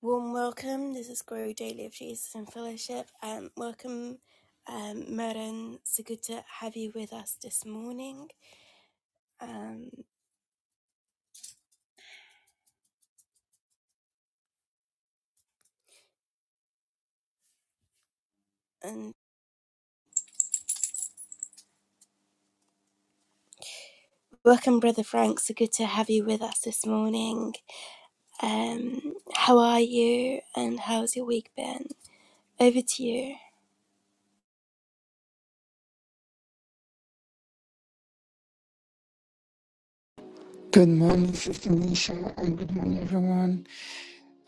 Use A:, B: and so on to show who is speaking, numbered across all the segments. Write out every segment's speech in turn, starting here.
A: Warm welcome. This is Grow Daily of Jesus in Fellowship, and welcome, um, Meryn. So good to have you with us this morning, um, and welcome, Brother Frank. So good to have you with us this morning. Um, how are you? And how's your week been? Over to you.
B: Good morning, Sister Nisha, and good morning, everyone.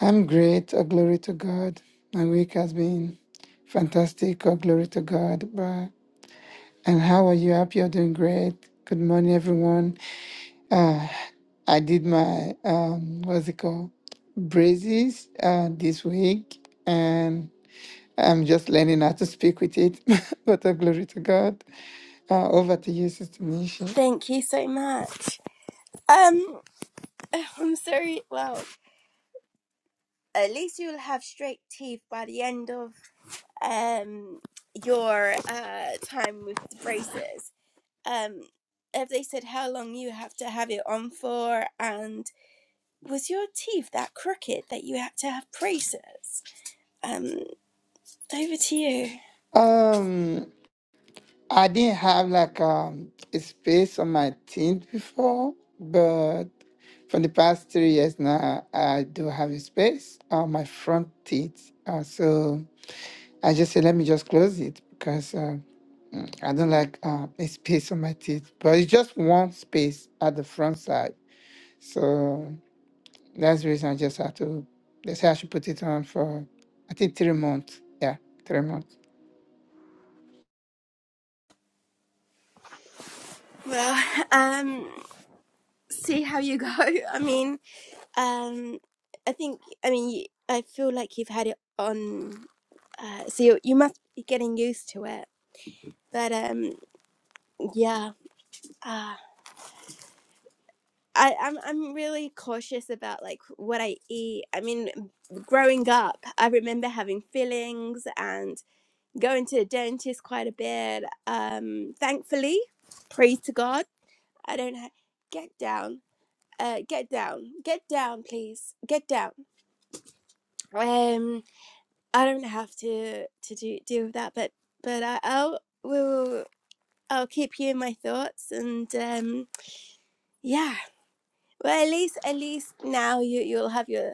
B: I'm great. All glory to God. My week has been fantastic. All glory to God. Bye. And how are you? Happy you're doing great. Good morning, everyone. Uh, I did my, um, what's it called? Braces uh, this week, and I'm just learning how to speak with it. but all glory to God. Uh, over to you, Sister Nisha.
A: Thank you so much. Um, I'm sorry. Well, at least you'll have straight teeth by the end of um your uh time with the braces. um if they said how long you have to have it on for and was your teeth that crooked that you had to have braces um over to you
B: Um, I didn't have like um, a space on my team before, but for the past three years now, I do have a space on my front teeth. Uh, so I just said, let me just close it because uh, I don't like uh, a space on my teeth. But it's just one space at the front side. So that's the reason I just have to, they say I should put it on for, I think, three months. Yeah, three months.
A: well um see how you go i mean um i think i mean you, i feel like you've had it on uh so you, you must be getting used to it but um yeah uh, I, I'm I'm really cautious about like what I eat. I mean, growing up, I remember having fillings and going to the dentist quite a bit. Um, thankfully, praise to God, I don't ha- get down. Uh, get down, get down, please, get down. Um, I don't have to to do deal with that, but but I, I'll will I'll keep you in my thoughts and um yeah. Well, at least at least now you you'll have your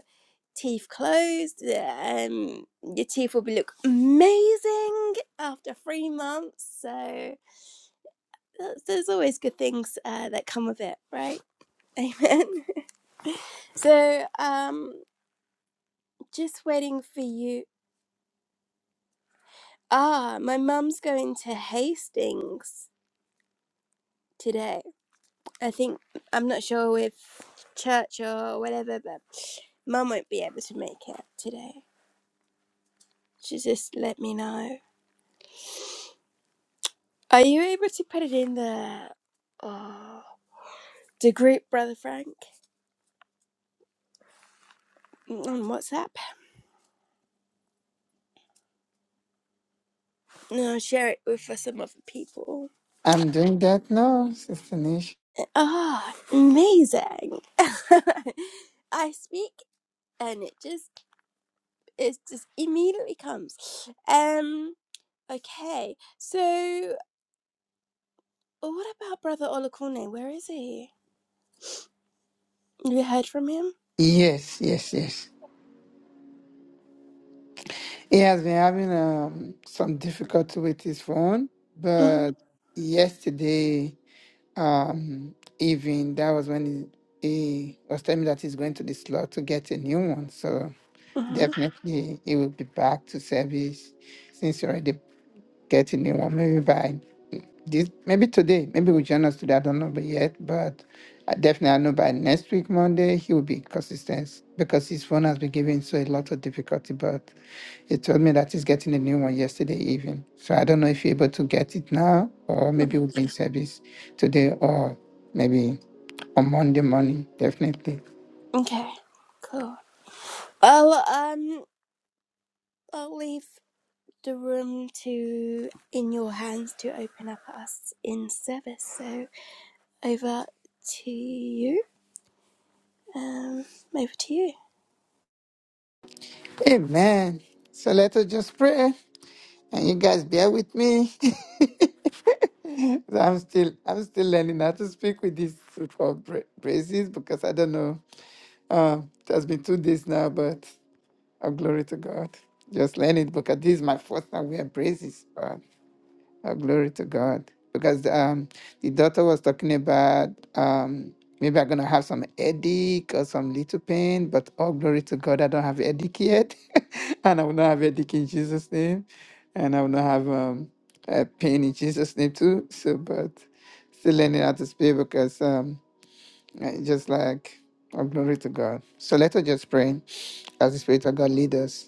A: teeth closed. Um, your teeth will be look amazing after three months. So that's, there's always good things uh, that come with it, right? Amen. So um, just waiting for you. Ah, my mum's going to Hastings today. I think I'm not sure if church or whatever, but mum won't be able to make it today. She just let me know. Are you able to put it in the? Oh, the group brother frank on whatsapp and i'll share it with uh, some other people
B: I'm doing that now, Sister Nish.
A: ah amazing i speak and it just it just immediately comes um okay so what about brother olakune where is he have you heard from him
B: Yes, yes, yes. He has been having um, some difficulty with his phone,
A: hmm
B: but yesterday um, evening, that was when he, he was telling me that he's going to the slot to get a new one. So
A: hmm
B: definitely he will be back to service since he already get a new one. Maybe by this, maybe today, maybe we'll join us today. I don't know but yet, but I definitely I know by next week, Monday, he will be consistent because his phone has been giving so a lot of difficulty, but. He told me that he's getting a new one yesterday evening. So I don't know if you're able to get it now, or maybe we'll be in service today, or maybe on Monday morning, definitely.
A: okay cool well um i'll leave the room to in your hands to open up us in service so over to you. Um, over to you.
B: Amen. So let us just pray. And you guys bear with me. So I'm still I'm still learning how to speak with these so-called bra- braces because I don't know. Um, it has been two days now, but oh, glory to God. Just learn it because this is my first time wearing braces. Oh, glory to God. Because um, the daughter was talking about um, maybe I'm going to have some headache or some little pain, but oh, glory to God, I don't have headache yet. and I will not have headache in Jesus' name. And I will not have um, a pain in Jesus' name too. So, but still learning how to speak because um, I just like, oh, glory to God. So let us just pray as the Spirit of God lead us.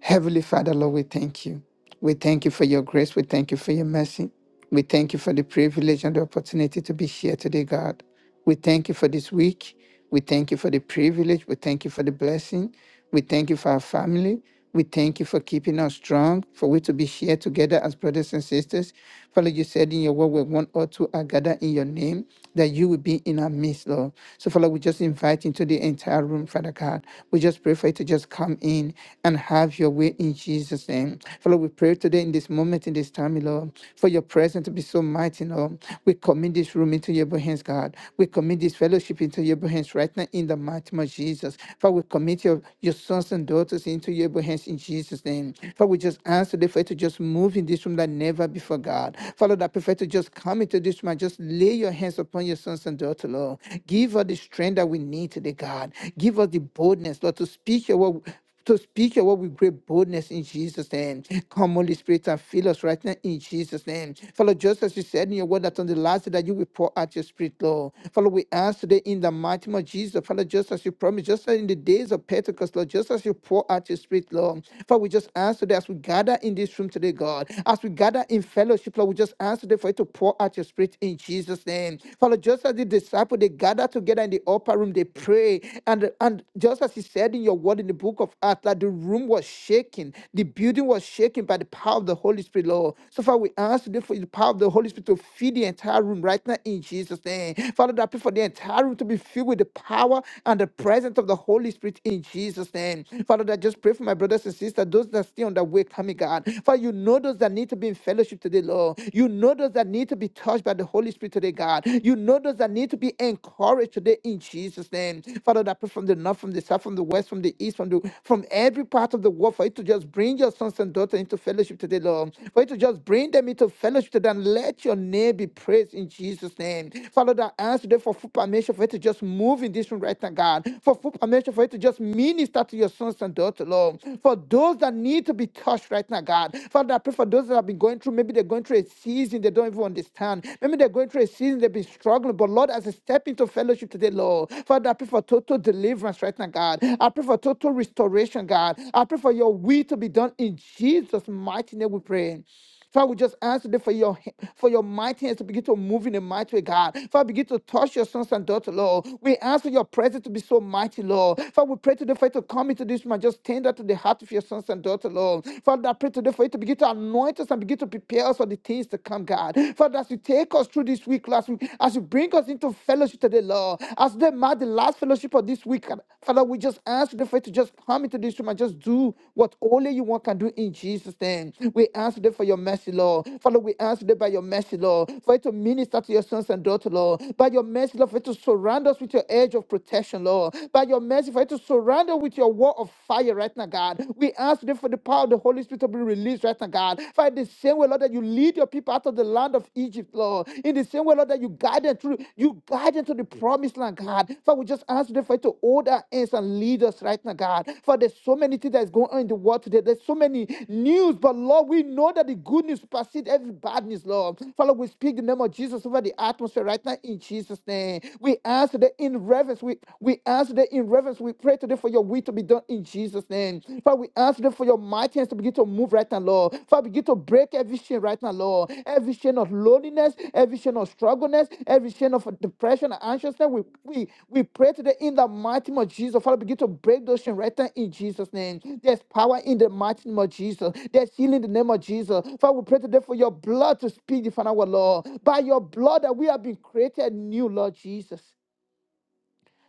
B: Heavenly Father, Lord, we thank you. We thank you for your grace. We thank you for your mercy. We thank you for the privilege and the opportunity to be here today, God. We thank you for this week. We thank you for the privilege. We thank you for the blessing. We thank you for our family. We thank you for keeping us strong, for we to be here together as brothers and sisters. Father, you said in your word, where one or two are gathered in your name, that you will be in our midst, Lord. So, Father, we just invite into the entire room, Father God. We just pray for you to just come in and have your way in Jesus' name. Father, we pray today in this moment, in this time, Lord, for your presence to be so mighty, Lord. We commit this room into your hands, God. We commit this fellowship into your hands hands right now in the mighty name of Jesus. Father, we commit your, your sons and daughters into your able hands in Jesus' name. Father, we just ask the Father to just move in this room like never before, God. Father, that prefer to just come into this room and just lay your hands upon your sons and daughters, Lord. Give us the strength that we need today, God. Give us the boldness, Lord, to speak your word to speak your word with great boldness in Jesus' name. Come, Holy Spirit, and fill us right now in Jesus' name. Follow, just as you said in your word that on the last day that you will pour out your spirit, Lord. Follow, we ask today in the mighty name of Jesus. Follow, just as you promised, just as in the days of Pentecost, Lord, just as you pour out your spirit, Lord. Father, we just ask today as we gather in this room today, God, as we gather in fellowship, Lord, we just ask today for you to pour out your spirit in Jesus' name. Follow, just as the disciples, they gather together in the upper room, they pray away. And and just as he said in your word in the book of Acts, that the room was shaking, the building was shaken by the power of the Holy Spirit, Lord. So far, we ask today for the power of the Holy Spirit to feed the entire room right now in Jesus' name. Father, I pray for the entire room to be filled with the power and the presence of the Holy Spirit in Jesus' name. Father, I just pray for my brothers and sisters, those that are still on their way coming, God. Father, you know those that need to be in fellowship today, Lord. You know those that need to be touched by the Holy Spirit today, God. You know those that that need to be encouraged today in Jesus' name. Father, that pray from the north, from the south, from the west, from the east, from the from every part of the world, for you to just bring your sons and daughters into fellowship today, Lord. For you to just bring them into fellowship today and let your name be praised in Jesus' name. Father, that I ask today for full permission for you to just move in this room right now, God. For full permission for you to just minister to your sons and daughters, Lord. For those that need to be touched right now, God. Father, I pray for those that have been going through, maybe they're going through a season, they don't even even understand. Maybe they're going through a season, they've been struggling. But Lord, as I step into fellowship today, Lord, Father, I pray for total deliverance right now, God. I pray for total restoration, God. I pray for your will to be done in Jesus' mighty name. We pray. Father, we just ask today for your h- for your mighty hands to begin to move in a mighty way, God. Father, begin to touch your sons and daughters, Lord. We ask for your presence to be so mighty, Lord. Father, we pray today for you to come into this man, just tender to the heart of your sons and daughters, Lord. Father, I pray today for you to begin to anoint us and begin to prepare us for the things to come, God. Father, as you take us through this week, last week, as you bring us into fellowship today, Lord, as they mark the last fellowship of this week, God, Father, we just ask you the faith to just come into this room and just do what only you want can do in Jesus' name. We ask you for your mercy, Lord. Father, we ask you by your mercy, Lord, for it to minister to your sons and daughters, Lord. By your mercy, Lord, for it to surround us with your edge of protection, Lord. By your mercy, for it to surround us with your wall of fire right now, God. We ask today for the power of the Holy Spirit to be released right now, God. Father, the same way, Lord, that you lead your people out of the land of Egypt, Lord. In the same way, Lord, that you guide them through, you guide them to the promised land, God. Father, we just ask today for you to hold our hands and lead us right now, God. For there's so many things that's going on in the world today. There's so many news, but Lord, we know that the good news supersedes every bad news, Lord. Father, we speak the name of Jesus over the atmosphere right now in Jesus' name. We ask today in reverence. We, we ask today in reverence we pray today for your will to be done in Jesus' name. Father, we ask today for your mighty hands to begin to move right now, Lord. Father, begin to break every chain right now, Lord. Every chain of loneliness, every chain of struggleness, every chain of depression and anxiousness. We, we, we pray today in the mighty name of Jesus. Father, begin to break those chains right now in Jesus' name. There's power in the mighty name of Jesus. There's healing in the name of Jesus. Father, we pray today for your blood to speak, Father, our Lord. By your blood that we have been created new, Lord Jesus.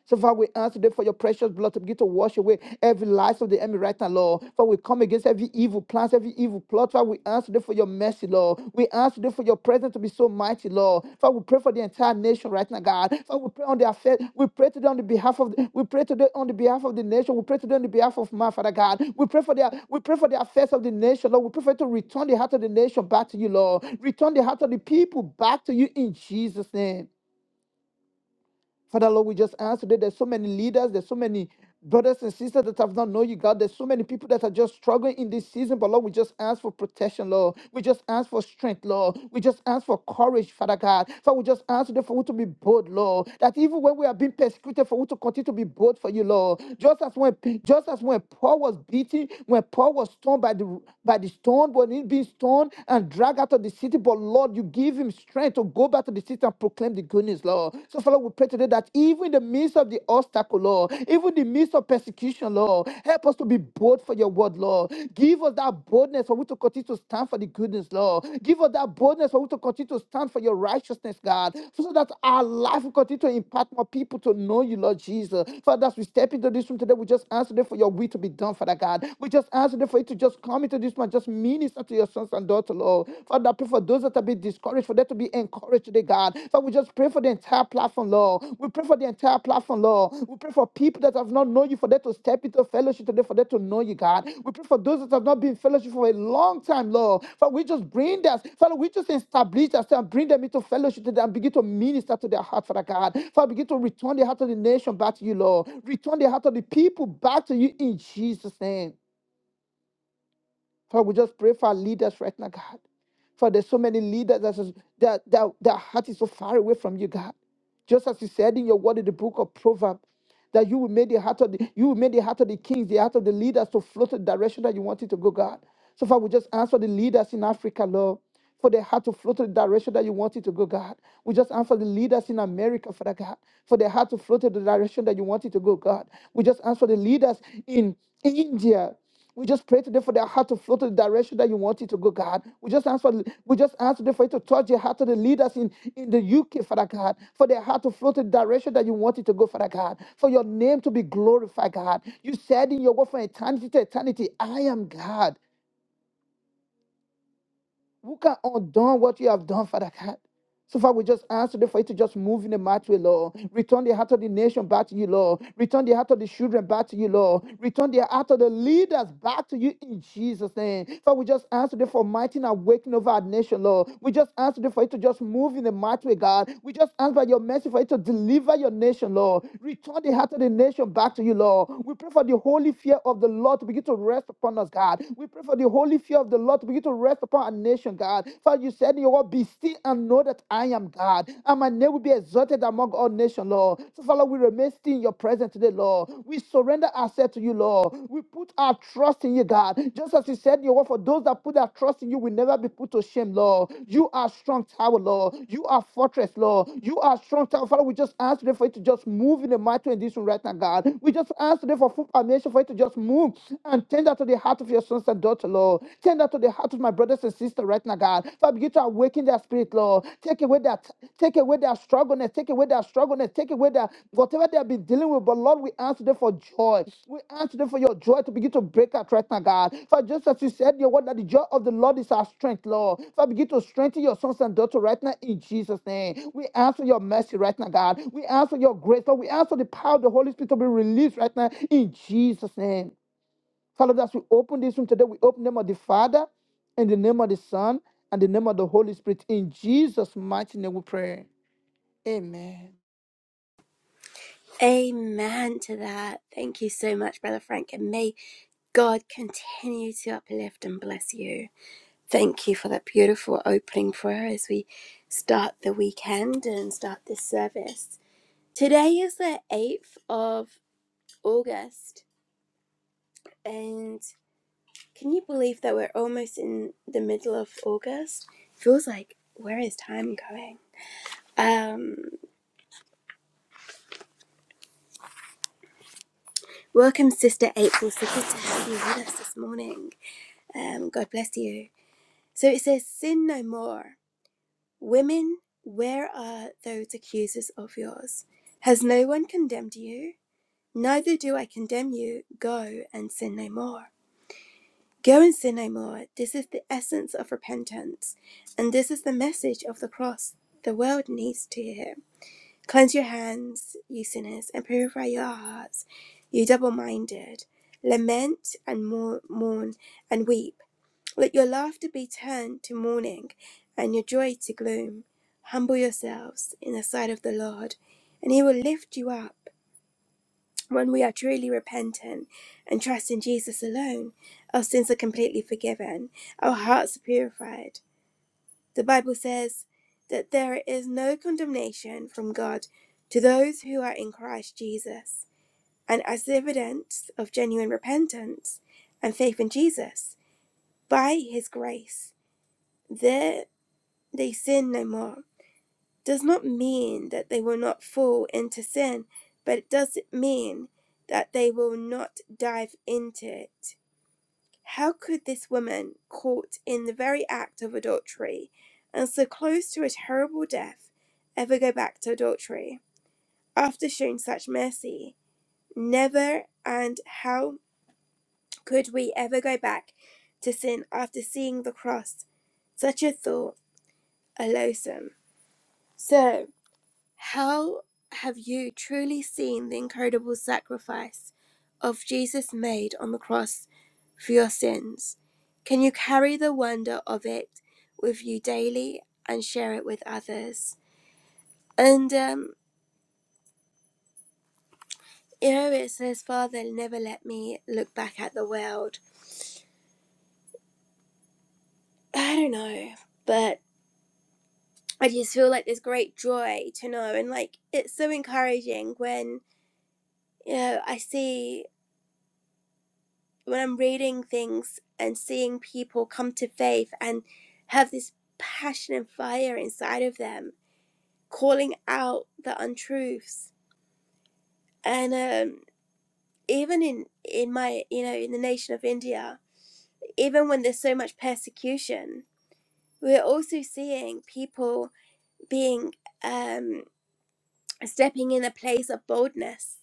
B: So, Father, we ask today for your precious blood to begin to wash away every lies of the enemy right now, Lord. For we come against every evil plans, every evil plot. Father, we ask today for your mercy, Lord. We ask today for your presence to be so mighty, Lord. Father, we pray for the entire nation right now, God. Father, we pray on their faith. We pray today on the behalf of the, we pray today on the behalf of the nation. We pray today on the behalf of my Father God. We pray for their we pray for the affairs of the nation, Lord. We pray for you to return the heart of the nation back to you, Lord. Return the heart of the people back to you in Jesus' name. Father Lord, we just ask today. There's so many leaders, there's so many brothers and sisters that have not known you, God. There's so many people that are just struggling in this season. But Lord, we just ask for protection, Lord. We just ask for strength, Lord. We just ask for courage, Father God. Father, we just ask today for you to be bold, Lord. That even when we are being persecuted, for you to continue to be bold for you, Lord. Just as when just as when Paul was beaten, when Paul was stoned by the by the stone, when he being stoned and dragged out of the city, but Lord, you give him strength to go back to the city and proclaim the good news, Lord. So, Father, we pray today that even in the midst of the obstacle, Lord, even in the midst of persecution, Lord, help us to be bold for your word, Lord. Give us that boldness for we to continue to stand for the goodness, Lord. Give us that boldness for we to continue to stand for your righteousness, God, so that our life will continue to impact more people to know you, Lord Jesus. Father, as we step into this room today, we just ask today for your will to be done, Father God. We just ask today for you to just come into this one, just minister to your sons sons and daughters, Lord. Father, I pray for those that have been discouraged, for them to be encouraged today, God. Father, we just pray for the entire platform, Lord. We pray for the entire platform, Lord. We pray for people that have not known you, for them to step into fellowship today, for them to know you, God. We pray for those that have not been in fellowship for a long time, Lord. Father, we just bring them, Father, we just establish us and bring them into fellowship today and begin to minister to their heart, Father God. Father, begin to return the heart of the nation back to you, Lord. Return the heart of the people back to you in Jesus' name. Father, we just pray for our leaders right now, God. For there's so many leaders that, is- that, that their heart is so far away from you, God. Just as you said in your word in the book of Proverbs, that you will make the heart of the you will make the heart of the kings, the heart of the leaders to float the direction that you want it to go, God. So far, we just ask for the leaders in Africa, Lord, for their heart to float in the direction that you want it to go, God. We just ask for the leaders in America, Father God, for their heart to float in the direction that you want it to go, God. We just ask for the leaders in India, we just pray today for their heart to flow to the direction that you want it to go, God. We just ask for we just ask today for you to touch the heart of the leaders in, in the UK, Father God, for their heart to flow to the direction that you want it to go, Father God, for your name to be glorified, God. You said in your word from eternity to eternity, I am God. Who can undo what you have done, Father God? So far, we just ask today for you to just move in the mighty way, Lord. Return the heart of the nation back to you, Lord. Return the heart of the children back to you, Lord. Return the heart of the leaders back to you in Jesus' name. Father, we just ask today for mighty and awakening over our nation, Lord. We just ask today for you to just move in the mighty way, God. We just ask by your mercy for you to deliver your nation, Lord. Return the heart of the nation back to you, Lord. We pray for the holy fear of the Lord to begin to rest upon us, God. We pray for the holy fear of the Lord to begin to rest upon our nation, God. God. Father, you said in your word, be still and know that I am God. And my name will be exalted among all nations, Lord. So, Father, we remain still in your presence today, Lord. We surrender ourselves to you, Lord. We put our trust in you, God. Just as you said in your word, for those that put their trust in you will never be put to shame, Lord. You are strong tower, Lord. You are fortress, Lord. You are strong tower. Father, we just ask today for you to just move in the mighty way in this room right now, God. We just ask today for full permission for you to just move and tender to the heart of your sons and daughters, heart, Lord. Turn that to the heart of my brothers and sisters right now, God. Father, begin to awaken their spirit, Lord. Take away that, take away their struggleness, take away their struggleness, take away their whatever they have been dealing with. But Lord, we ask them for joy. We ask them for your joy to begin to break out right now, God. For just as you said, in your word that the joy of the Lord is our strength, Lord. Father, begin to strengthen your sons and daughters right now in Jesus' name. We ask for your mercy right now, God. We ask for your grace, Lord. We ask for the power of the Holy Spirit to be released right now in Jesus' name. Father, as we open this room today, we open the name of the Father, in the name of the Son, and the name of the Holy Spirit. In Jesus' mighty name we pray. Amen.
A: Amen to that. Thank you so much, Brother Frank, and may God continue to uplift and bless you. Thank you for that beautiful opening prayer as we start the weekend and start this service. Today is the 8th of August, and can you believe that we're almost in the middle of August? Feels like, where is time going? Um, Welcome, Sister April. So good to have you with us this morning. Um, God bless you. So it says, Sin no more. Women, where are those accusers of yours? Has no one condemned you? Neither do I condemn you. Go and sin no more. Go and sin no more. This is the essence of repentance. And this is the message of the cross the world needs to hear. Cleanse your hands, you sinners, and purify your hearts, you double minded. Lament and mourn and weep. Let your laughter be turned to mourning and your joy to gloom. Humble yourselves in the sight of the Lord, and he will lift you up. When we are truly repentant and trust in Jesus alone, our sins are completely forgiven, our hearts are purified, the Bible says that there is no condemnation from God to those who are in Christ Jesus. And as evidence of genuine repentance and faith in Jesus, by his grace, there they sin no more. Does not mean that they will not fall into sin, but it does mean that they will not dive into it How could this woman, caught in the very act of adultery and so close to a terrible death, ever go back to adultery after showing such mercy? Never, and how could we ever go back to sin after seeing the cross? Such a thought, a loathsome. So, How have you truly seen the incredible sacrifice of Jesus made on the cross for your sins? Can you carry the wonder of it with you daily and share it with others? And, um, you know, it says, Father, never let me look back at the world. I don't know, but I just feel like there's great joy to know. And, like, it's so encouraging when, you know, I see when I'm reading things and seeing people come to faith and have this passion and fire inside of them, calling out the untruths. And um, even in, in my, you know, in the nation of India, even when there's so much persecution, we're also seeing people being, um, stepping in a place of boldness,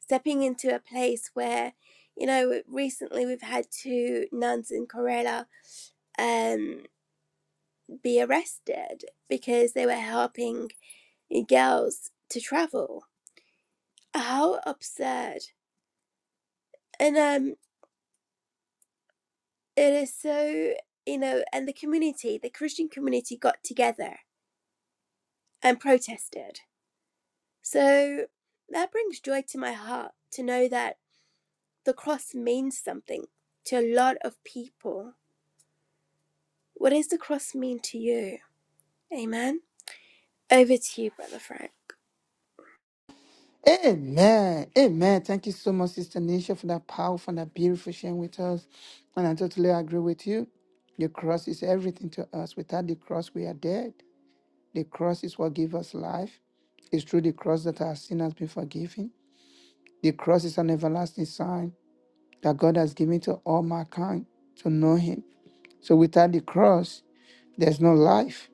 A: stepping into a place where, you know, recently we've had two nuns in Kerala um. be arrested because they were helping girls to travel. How absurd. And um it is so you know, and the community, the Christian community got together and protested. So that brings joy to my heart to know that the cross means something to a lot of people. What does the cross mean to you? Amen. Over to you, Brother Frank.
B: Amen. Amen. Thank you so much, Sister Nisha, for that powerful and that beautiful sharing with us. And I totally agree with you. The cross is everything to us. Without the cross, we are dead. The cross is what gives us life. It's through the cross that our sin has been forgiven. The cross is an everlasting sign that God has given to all mankind to know Him So without the cross, there's no life.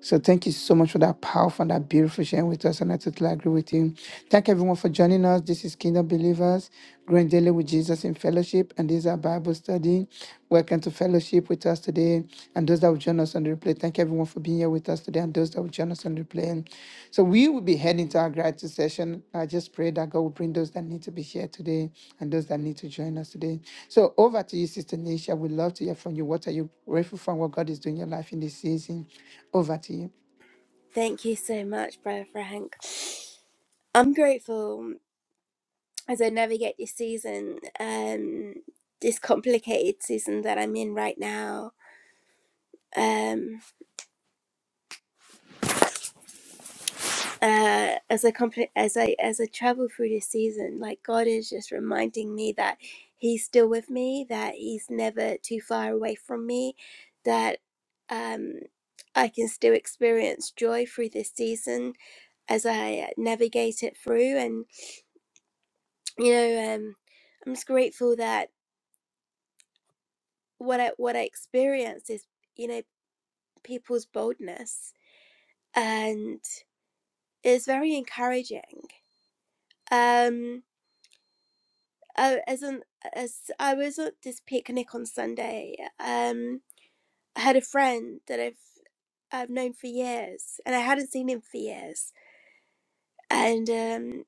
B: So thank you so much for that powerful and that beautiful sharing with us. And I totally agree with you. Thank everyone for joining us. This is Kingdom Believers, growing daily with Jesus in fellowship. And this is our Bible study. Welcome to fellowship with us today. And those that will join us on the replay, thank everyone for being here with us. So there are those that will join us on the plane. So we will be heading to our gratitude session. I just pray that God will bring those that need to be here today and those that need to join us today. So over to you, Sister Nisha. We'd love to hear from you. What are you grateful for? and What God is doing in your life in this season? Over to you.
A: Thank you so much, Brother Frank. I'm grateful as I navigate this season, um, this complicated season that I'm in right now, um, uh, as I compl- as I as I travel through this season, like God is just reminding me that He's still with me, that He's never too far away from me, that um, I can still experience joy through this season as I navigate it through, and you know, um, I'm just grateful that what I what I experienced is. you know. people's boldness and it's very encouraging. Um, I, as an, as I was at this picnic on Sunday, um, I had a friend that I've I've known for years, and I hadn't seen him for years. And um,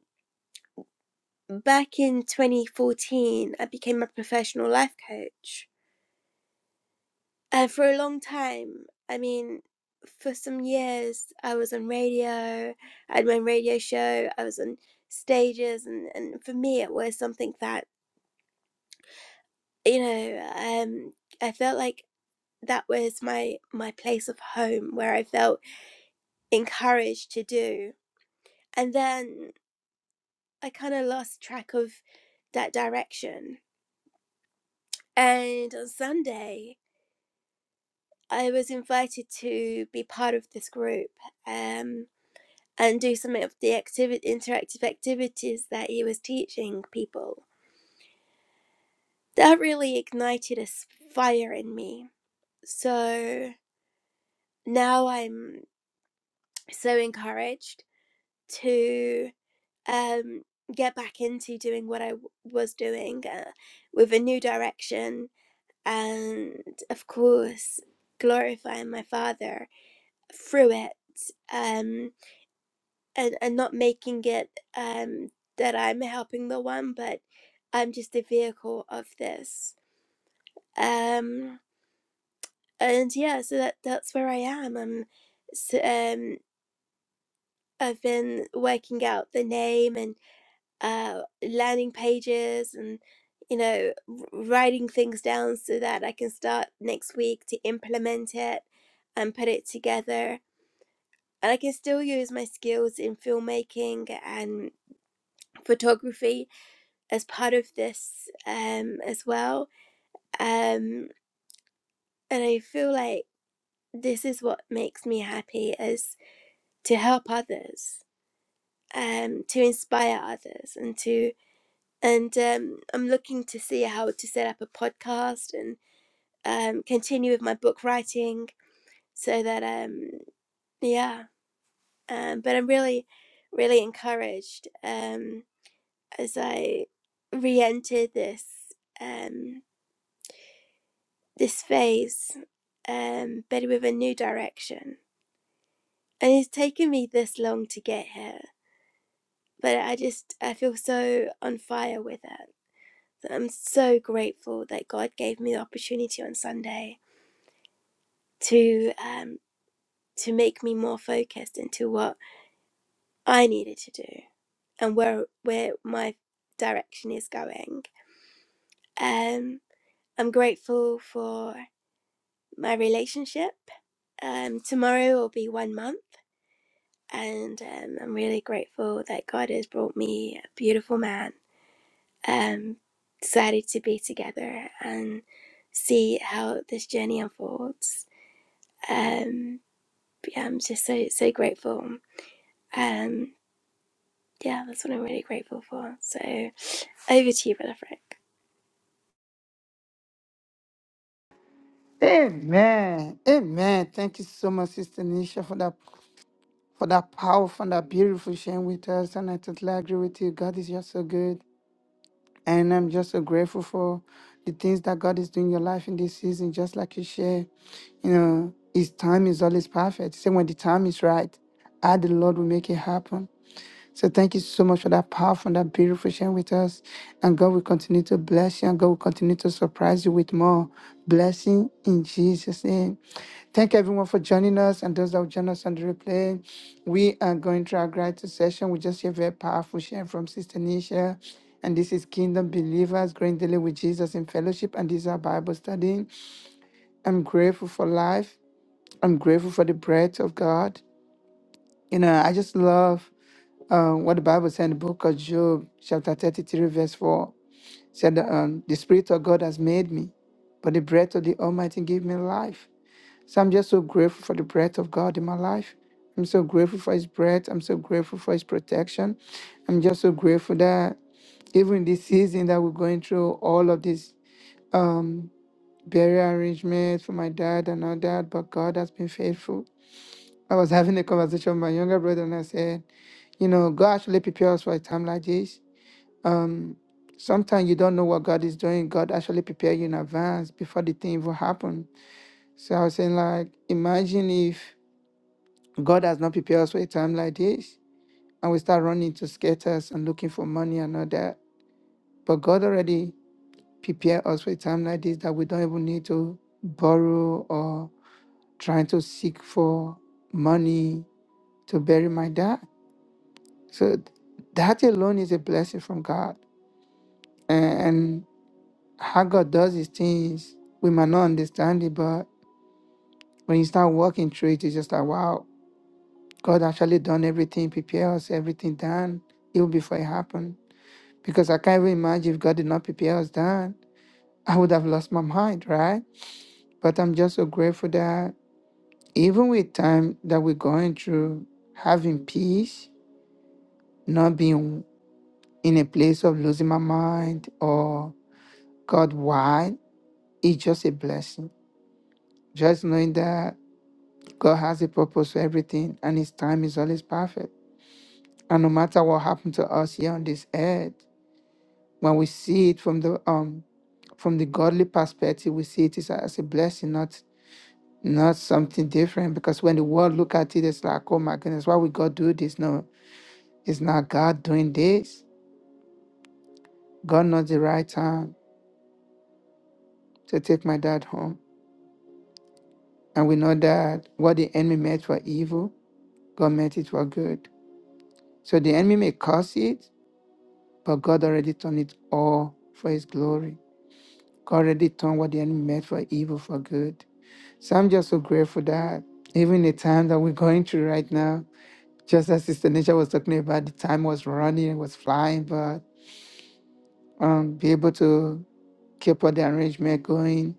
A: back in 2014, I became a professional life coach. Uh, for a long time, I mean, for some years, I was on radio. I had my own radio show. I was on stages, and and for me, it was something that you know, um, I felt like that was my my place of home where I felt encouraged to do. And then I kind of lost track of that direction. And on Sunday, I was invited to be part of this group. Um, and do some of the activi- interactive activities that he was teaching people. That really ignited a fire in me. So now I'm so encouraged to um, get back into doing what I w- was doing uh, with a new direction and, of course, glorifying my father through it. Um, and, and not making it um, that I'm helping the one, but I'm just a vehicle of this. Um, and yeah, so that that's where I am. I'm, s um, I've been working out the name and uh, landing pages and you know w- writing things down so that I can start next week to implement it and put it together. And I can still use my skills in filmmaking and photography as part of this um, as well. Um, and I feel like this is what makes me happy is to help others, um, to inspire others, and to and um, I'm looking to see how to set up a podcast and um, continue with my book writing so that um, yeah. Um, but I'm really, really encouraged um, as I re-enter this. Um, this phase, um, but with a new direction. And it's taken me this long to get here, but I just I feel so on fire with it. So I'm so grateful that God gave me the opportunity on Sunday to um, to make me more focused into what I needed to do and where where my direction is going. Um, I'm grateful for my relationship. Um, tomorrow will be one month and um, I'm really grateful that God has brought me a beautiful man. Um, decided to be together and see how this journey unfolds. Um, yeah, I'm just so so grateful. Um, yeah, that's what I'm really grateful for. So over to you, brother Frank.
B: Amen. Amen. Thank you so much, Sister Nisha, for that for that powerful and that beautiful sharing with us. And I totally agree with you. God is just so good. And I'm just so grateful for the things that God is doing in your life in this season, just like you share. You know, His time is always perfect. Say when the time is right, I, the Lord, will make it happen. So thank you so much for that powerful, and that beautiful sharing with us. And God will continue to bless you, and God will continue to surprise you with more blessing in Jesus' name. Thank you, everyone for joining us and those that will join us on the replay. We are going through our gratitude session. We just hear very powerful sharing from Sister Nisha. And this is Kingdom Believers, growing daily with Jesus in fellowship. And this is our Bible study. I'm grateful for life. I'm grateful for the breath of God. You know, I just love uh, what the Bible said in the book of Job, chapter 33, verse 4. Said, that, um, The Spirit of God has made me, but the breath of the Almighty gave me life. So I'm just so grateful for the breath of God in my life. I'm so grateful for His breath. I'm so grateful for His protection. I'm just so grateful that even this season that we're going through, all of this um, burial arrangements for my dad and all that, but God has been faithful. I was having a conversation with my younger brother, and I said, you know, God actually prepares us for a time like this. Um, sometimes you don't know what God is doing. God actually prepare you in advance before the thing even happen. So I was saying, like, imagine if God has not prepared us for a time like this, and we start running to skaters and looking for money and all that. But God already prepared us for a time like this that we don't even need to borrow or trying to seek for money to bury my dad. So th- that alone is a blessing from God. And, and how God does his things, we might not understand it, but when you start walking through it, it's just like, wow, God actually done everything, prepare us, everything done, even before it happened. Because I can't even imagine if God did not prepare us done, I would have lost my mind, right? But I'm just so grateful that even with time that we're going through, having peace, not being in a place of losing my mind or God, why? it's just a blessing. Just knowing that God has a purpose for everything and His time is always perfect. And no matter what happened to us here on this earth, when we see it from the um from the godly perspective, we see it as a, as a blessing, not not something different. Because when the world look at it, it's like, oh my goodness, why would God do this? No, it's not God doing this. God knows the right time to take my dad home. And we know that what the enemy meant for evil, God meant it for good. So the enemy may curse it, but God already turned it all for his glory. God already turned what the enemy meant for evil for good. So I'm just so grateful that even the time that we're going through right now, just as Sister Nisha was talking about, the time was running, it was flying, but um, be able to keep all the arrangement going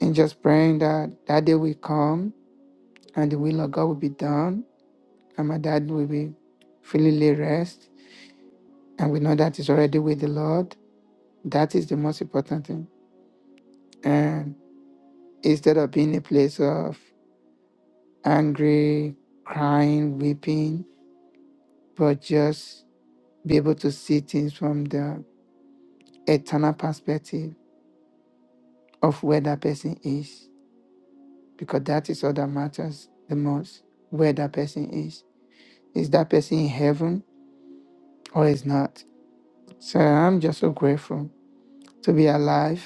B: and just praying that that day will come and the will of God will be done and my dad will be fully lay rest. And we know that is already with the Lord. That is the most important thing. And instead of being a place of angry, crying, weeping, but just be able to see things from the eternal perspective of where that person is, because that is all that matters the most where that person is. Is that person in heaven or is not? So I'm just so grateful to be alive,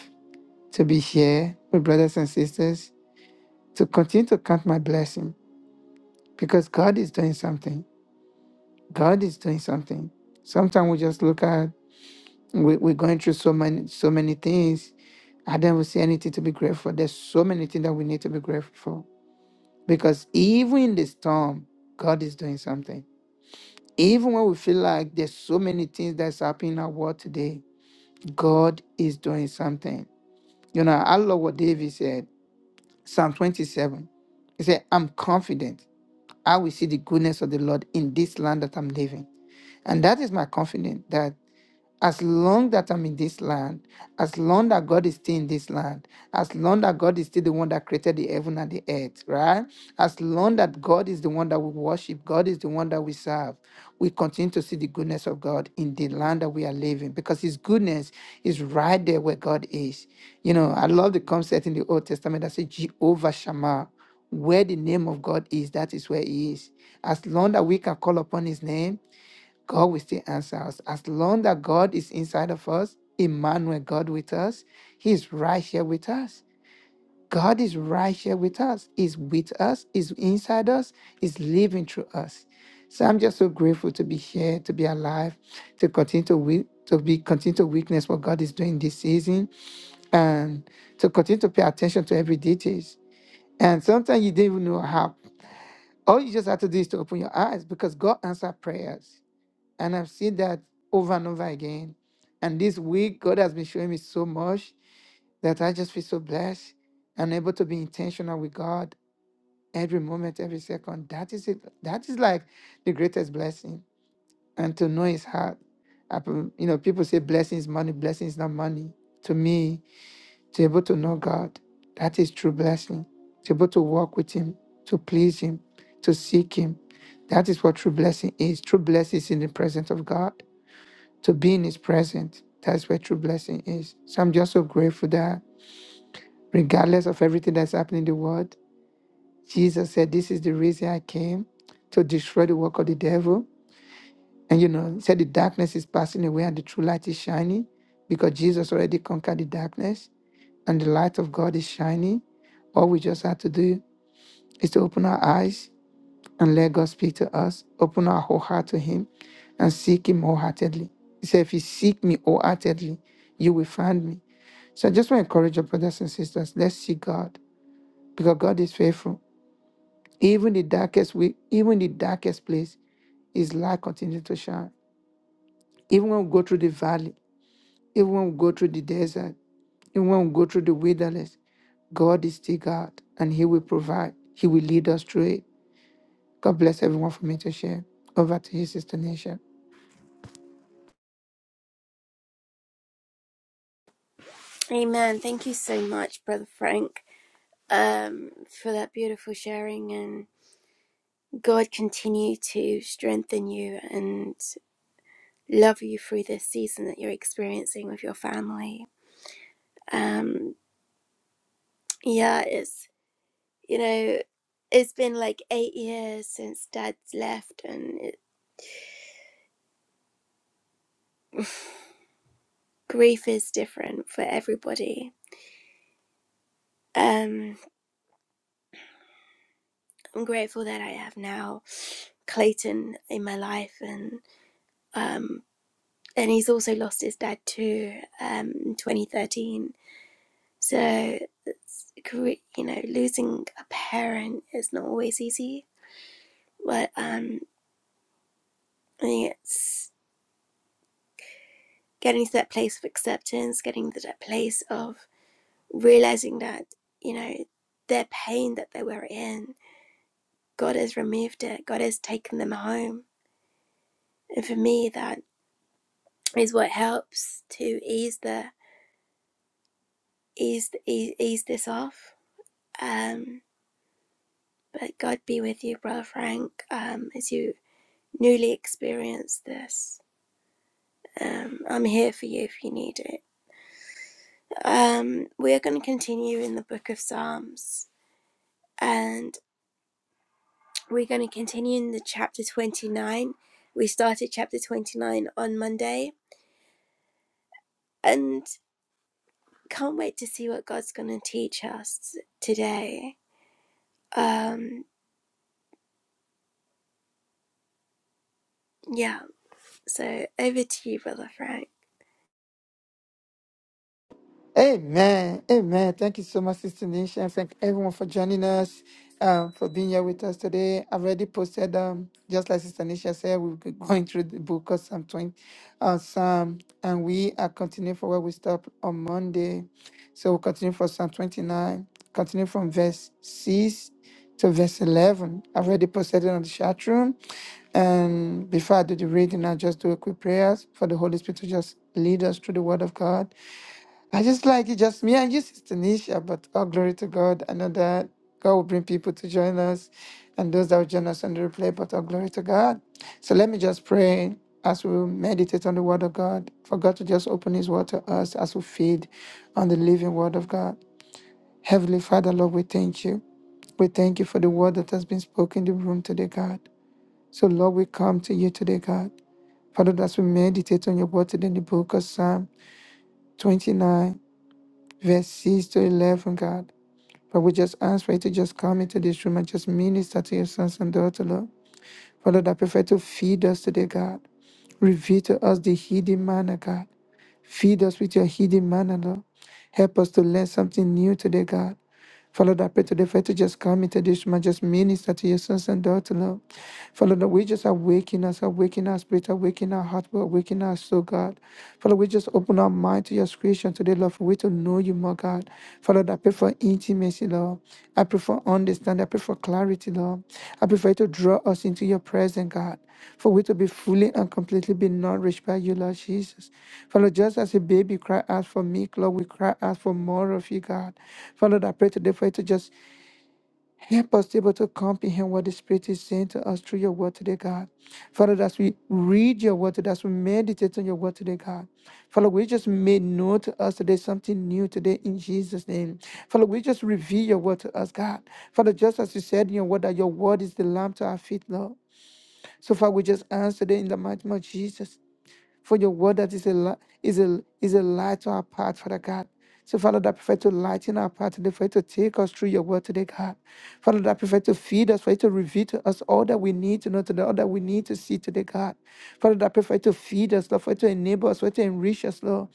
B: to be here with brothers and sisters, to continue to count my blessing because God is doing something. God is doing something. Sometimes we just look at we, we're going through so many so many things. I don't even see anything to be grateful. for. There's so many things that we need to be grateful for. Because even in the storm, God is doing something. Even when we feel like there's so many things that's happening in our world today, God is doing something. You know, I love what David said, Psalm 27. He said, I'm confident I will see the goodness of the Lord in this land that I'm living. And that is my confidence that as long that I'm in this land, as long that God is still in this land, as long that God is still the one that created the heaven and the earth, right? As long that God is the one that we worship, God is the one that we serve, we continue to see the goodness of God in the land that we are living because His goodness is right there where God is. You know, I love the concept in the Old Testament that says Jehovah Shammah. Where the name of God is, that is where He is. As long that we can call upon His name, God will still answer us. As long that God is inside of us, Emmanuel, God with us, He is right here with us. God is right here with us, He's with us, He's inside us, He's living through us. So I'm just so grateful to be here, to be alive, to continue to wi- to be continue to witness what God is doing this season, and to continue to pay attention to every details. And sometimes you didn't even know how. All you just have to do is to open your eyes because God answered prayers. And I've seen that over and over again. And this week, God has been showing me so much that I just feel so blessed and able to be intentional with God every moment, every second. That is it. That is like the greatest blessing. And to know His heart. I p- You know, people say blessing is money, blessing is not money. To me, to be able to know God, that is true blessing. To be able to walk with Him, to please Him, to seek Him. That is what true blessing is. True blessing is in the presence of God to be in his presence. That's where true blessing is. So I'm just so grateful that regardless of everything that's happening in the world, Jesus said, This is the reason I came to destroy the work of the devil. And you know, he said the darkness is passing away and the true light is shining because Jesus already conquered the darkness and the light of God is shining. All we just have to do is to open our eyes and let God speak to us, open our whole heart to Him and seek Him wholeheartedly. He said, If you seek me wholeheartedly, you will find me. So I just want to encourage your brothers and sisters. Let's see God because God is faithful. Even the darkest we, even the darkest place, His light continues to shine. Even when we go through the valley, even when we go through the desert, even when we go through the wilderness, God is still God, and He will provide. He will lead us through it. God bless everyone for me to share. Over to you, Sister Nisha.
A: Amen. Thank you so much, Brother Frank, um, for that beautiful sharing. And God continue to strengthen you. and. love you through this season that you're experiencing with your family. Um, yeah, it's you know, it's been like eight years since Dad's left, and it, grief is different for everybody. Um, I'm grateful that I have now Clayton in my life, and um, and he's also lost his dad too um, in 2013. So it's you know, losing a parent is not always easy, but um, I think it's getting to that place of acceptance, getting to that place of realizing that, you know, their pain that they were in, God has removed it, God has taken them home. And for me, that is what helps to ease the ease ease, ease this off. Um, but God be with you, Brother Frank, um, as you newly experience this. Um, I'm here for you if you need it. Um, we are going to continue in the book of Psalms. and. We're going to continue in the chapter 29. We started chapter 29 on Monday and can't wait to see what God's going to teach us today. Um yeah, so over to you brother Frank.
B: Amen. Amen. Thank you so much, Sister Nisha. And thank everyone for joining us, um, for being here with us today. I've already posted, um, just like Sister Nisha said, we'll be going through the book of Psalm 20, uh, Psalm, and we are continuing for where we stop on Monday. So we'll continue from Psalm 29, continue from verse 6 to verse 11. I've already posted it on the chat room. And before I do the reading, I'll just do a quick prayer for the Holy Spirit to just lead us through the Word of God. I just like it, just me and you, Sister Nisha. But all glory to God. I know that God will bring people to join us and those that will join us on the replay, but all glory to God. So let me just pray as we meditate on the Word of God, for God to just open His Word to us as we feed on the living Word of God. Heavenly Father, Lord, we thank you. We thank you for the word that has been spoken in the room today, God. So, Lord, we come to you today, God. Father, as we meditate on your word today in the book of Psalm 29 verse 6 to 11, God. But we just ask for you to just come into this room and just minister to your sons and daughters, Lord. Father, I prefer to feed us today, God. Reveal to us the hidden manner, God. Feed us with your hidden manna, Lord. Help us to learn something new today, God. Father, I pray today for you to just come into this room and just minister to your sons and daughters, Lord. Father, that we just awaken us, awaken our spirit, awaken our heart, awaken our soul, God. Father, we just open our mind to your creation today, Lord, for we to know you more, God. Father, I pray for intimacy, Lord. I pray for understanding. I pray for clarity, Lord. I pray for you to draw us into your presence, God for we to be fully and completely be nourished by you, Lord Jesus. Father, just as a baby cry out for me, Lord, we cry out for more of you, God. Father, I pray today for you to just help us to be able to comprehend what the Spirit is saying to us through your word today, God. Father, as we read your word today, as we meditate on your word today, God. Father, we just made known to us today something new today in Jesus' name. Father, we just reveal your word to us, God. Father, just as you said in your word that your word is the lamp to our feet, Lord. So far, we just ask today in the mighty name of Jesus for your word that is a li- is a is a light to our path, Father God. So, Father, that prefer to lighten our path today, for you to take us through your word today, God. Father, that prefer to feed us, for you to reveal to us all that we need to know today, all that we need to see today, God. Father, that prefer to feed us, Lord, for you to enable us, for you to enrich us, Lord.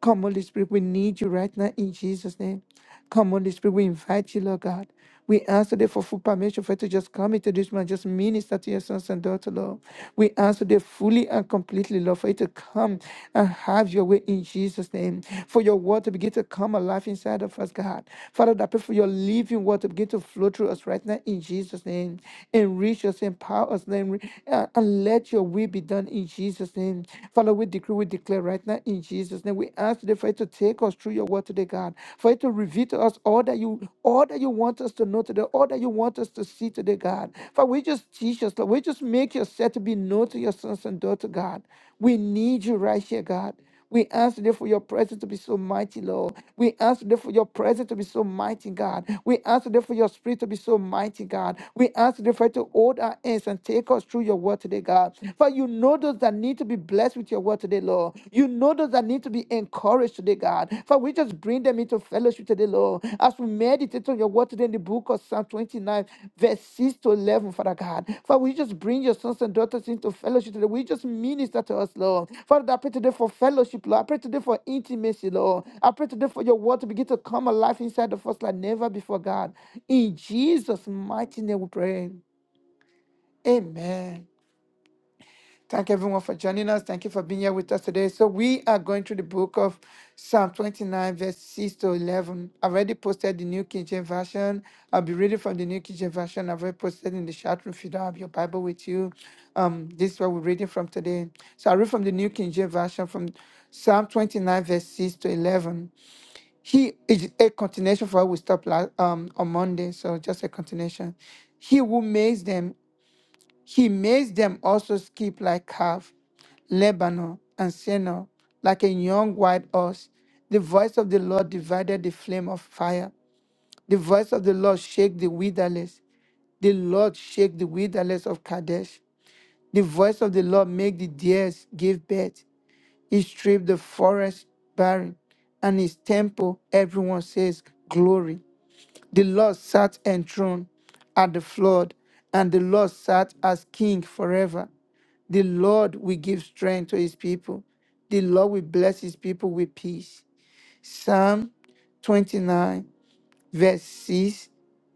B: Come, Holy Spirit, we need you right now in Jesus' name. Come, Holy Spirit, we invite you, Lord God. We ask today for full permission for you to just come into this man, just minister to your sons and daughters, Lord. We ask today fully and completely, Lord, for you to come and have your way in Jesus' name. For your word to begin to come alive inside of us, God. Father, I pray for your living word to begin to flow through us right now in Jesus' name. Enrich us, empower us, name, and and let your will be done in Jesus' name. Father, we decree, we declare right now in Jesus' Jesus' name. We ask today for you to take us through your word today, God. For you to reveal to us all that you all that you want us to know today, all that you want us to see today, God. For we just teach us, Lord. We just make yourself to be known to your sons and daughters, God. We need you right here, God. We ask today for your presence to be so mighty, Lord. We ask today for your presence to be so mighty, God. We ask today for your spirit to be so mighty, God. We ask today for you to hold our hands and take us through your word today, God. For you know know those that need to be blessed with your word today, Lord. You know those that need to be encouraged today, God. For we just bring them into fellowship today, Lord. As we meditate on your word today in the book of Psalm 29, verse 6 to 11, Father God. For we just bring your sons and daughters into fellowship today. We just minister to us, Lord. Father, I pray today for fellowship, Lord. I pray today for intimacy, Lord. I pray today for your word to begin to come alive inside of us like never before, God. In Jesus' mighty name we pray. Amen. Thank everyone for joining us. Thank you for being here with us today. So we are going through the book of Psalm 29, verse 6 to 11. I've already posted the New King James Version. I'll be reading from the New King James Version. I've already posted in the chat room if you don't have your Bible with you. Um, this is what we're reading from today. So I read from the New King James Version from Psalm 29, verse 6 to 11. He is a continuation for what we stopped la- um, on Monday. So just a continuation. He who makes them he makes them also skip like calf, Lebanon, and Senor, like a young white ox. The voice of the Lord divided the flame of fire. The voice of the Lord shake the wilderness. The Lord shake the wilderness of Kadesh. The voice of the Lord make the deers give birth. He stripped the forest barren, and his temple everyone says glory. The Lord sat enthroned at the flood, and the Lord sat as king forever. The Lord will give strength to his people. The Lord will bless his people with peace. Psalm 29 verse 6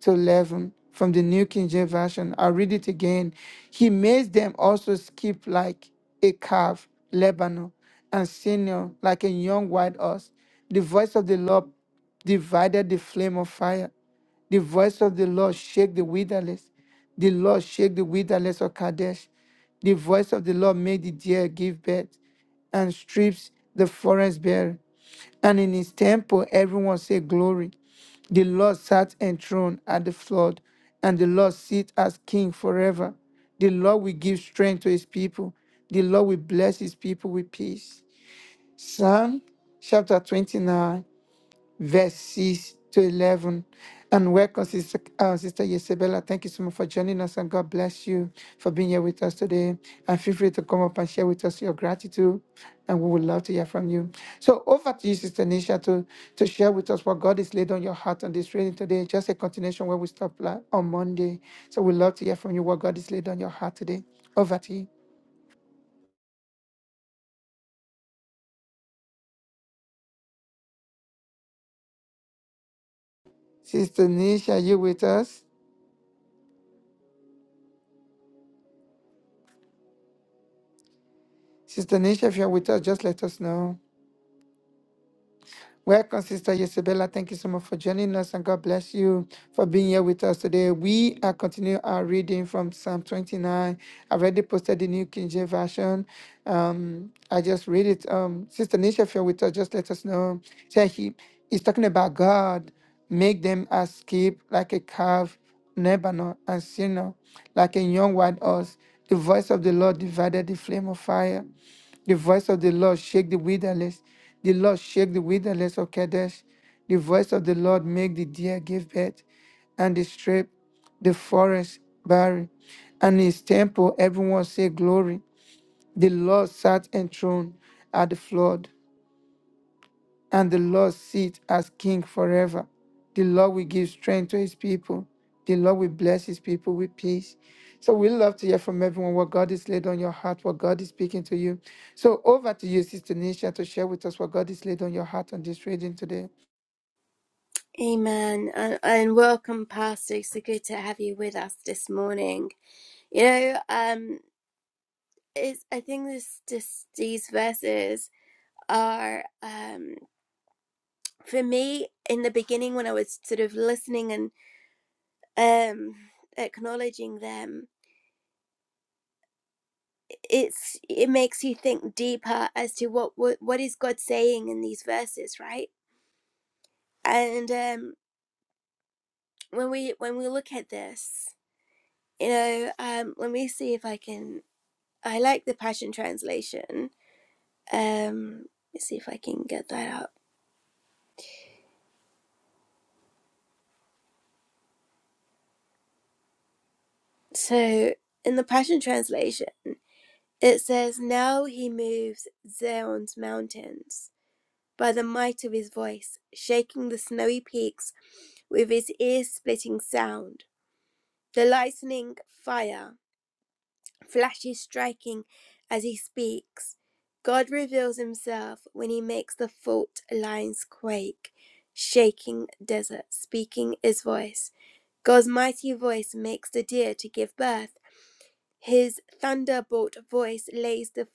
B: to 11 from the New King James Version. I'll read it again. He made them also skip like a calf, Lebanon, and senior like a young white ox. The voice of the Lord divided the flame of fire. The voice of the Lord shake the wilderness. The Lord shake the wilderness of Kadesh. The voice of the Lord made the deer give birth and strips the forest bare. And in his temple, everyone said, Glory. The Lord sat enthroned at the flood, and the Lord sit as king forever. The Lord will give strength to his people. The Lord will bless his people with peace. Psalm chapter 29 verse 6 to 11. And welcome, Sister, uh, Sister Isabella. Thank you so much for joining us, and God bless you for being here with us today. And feel free to come up and share with us your gratitude, and we would love to hear from you. So, over to you, Sister Nisha, to, to share with us what God is laid on your heart on this reading today. Just a continuation where we stopped la- on Monday. So, we'd love to hear from you what God is laid on your heart today. Over to you. Sister Nisha, are you with us? Sister Nisha, if you're with us, just let us know. Welcome, Sister Isabella. Thank you so much for joining us, and God bless you for being here with us today. We are continuing our reading from Psalm 29. I've already posted the New King James Version. Um, I just read it. Um, Sister Nisha, if you're with us, just let us know. Say he, is talking about God. Make them as skip like a calf, Lebanon, and Sinner, like a young wild ox. The voice of the Lord divided the flame of fire. The voice of the Lord shake the wilderness. The Lord shake the wilderness of Kadesh. The voice of the Lord make the deer give birth, and the strip, the forest barren. And his temple, everyone say glory. The Lord sat enthroned at the flood and the Lord sit as king forever. The Lord will give strength to his people. The Lord will bless his people with peace. So we love to hear from everyone what God is laid on your heart, what God is speaking to you. So over to you, Sister Nisha, to share with us what God is laid on your heart on this reading today.
A: Amen. And, and welcome pastor. So good to have you with us this morning. You know, um it's, I think this this these verses are um for me in the beginning when I was sort of listening and. um acknowledging them it's it makes you think deeper as to what what, what is god saying in these verses right and um when we when we look at this you know um let me see if i can i like the passion translation um let's see if i can get that up so in the passion translation it says now he moves zion's mountains by the might of his voice shaking the snowy peaks with its ear splitting sound. The lightning fire flashes striking as he speaks. God reveals himself when he makes the fault lines quake, shaking desert, speaking his voice. God's mighty voice makes the deer to give birth. His thunderbolt voice lays the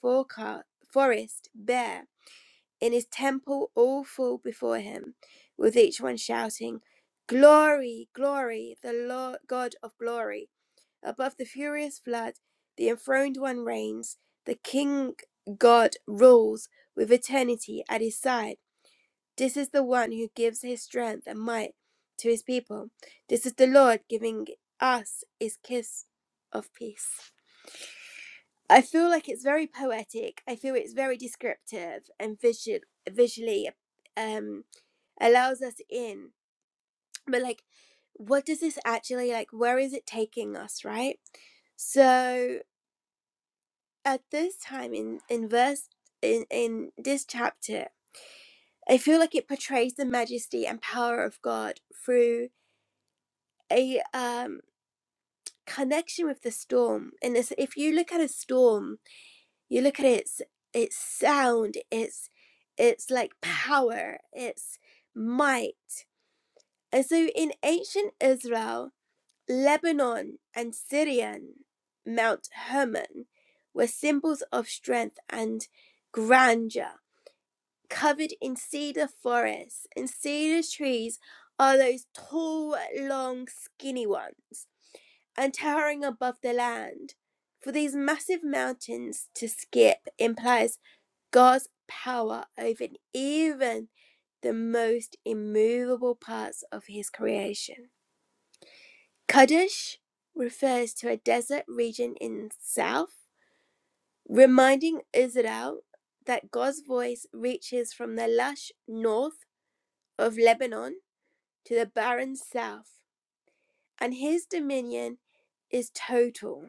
A: forest bare in his temple all fall before him, with each one shouting, Glory, glory, the Lord God of glory. Above the furious flood, the enthroned one reigns, the King God rules with eternity at his side. This is the one who gives his strength and might to his people. This is the Lord giving us his kiss of peace. I feel like it's very poetic. I feel it's very descriptive and visual, visually um, allows us in. But like, what does this actually like? Where is it taking us, right? So at this time in in verse in in this chapter, I feel like it portrays the majesty and power of God through a um connection with the storm. And this, if you look at a storm you look at its its sound its its like power its might and so in ancient israel lebanon and syrian mount hermon were symbols of strength and grandeur covered in cedar forests and cedar trees are those tall long skinny ones and towering above the land. For these massive mountains to skip implies God's power over even the most immovable parts of his creation. Kadesh refers to a desert region in south, reminding Israel that God's voice reaches from the lush north of Lebanon to the barren south, and his dominion is total,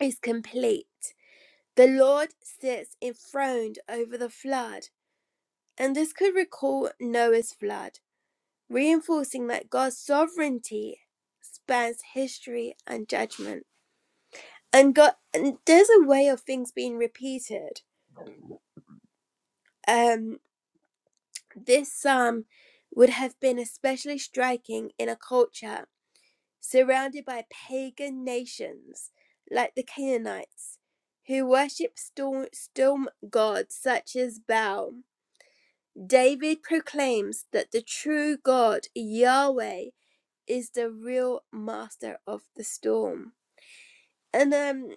A: is complete. The Lord sits enthroned over the flood, and this could recall Noah's flood, reinforcing that God's sovereignty spans history and judgment. And God, and there's a way of things being repeated. Um, this psalm would have been especially striking in a culture surrounded by pagan nations like the Canaanites, who worship storm, storm gods such as Baal. David proclaims that the true God, Yahweh, is the real master of the storm. And um,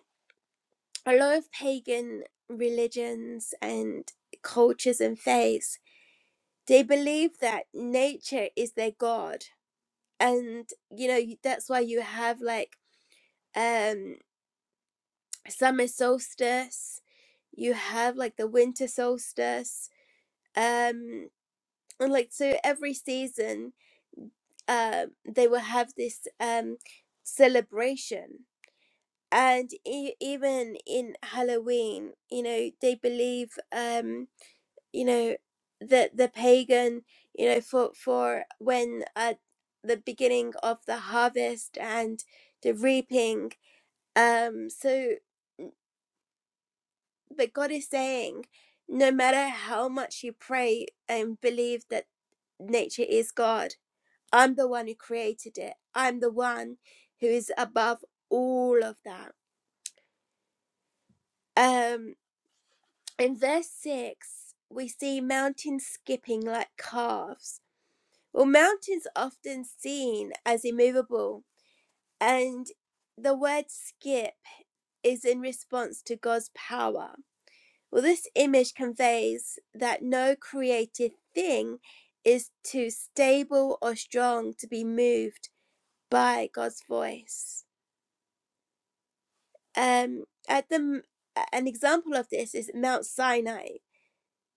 A: a lot of pagan religions and cultures and faiths, they believe that nature is their God. And, you know, that's why you have like um, summer solstice, you have like the winter solstice. Um, and like, so every season um, they will have this um, celebration. And e- even in Halloween, you know, they believe, um, you know, that the pagan, you know, for for when at the beginning of the harvest and the reaping. Um, so, but God is saying, no matter how much you pray and believe that nature is God I'm the one who created it. I'm the one who is above all of that. Um, in verse 6, we see mountains skipping like calves. Well, mountains are often seen as immovable, and the word skip is in response to God's power. Well, this image conveys that no created thing is too stable or strong to be moved by God's voice. Um, at the an example of this is Mount Sinai,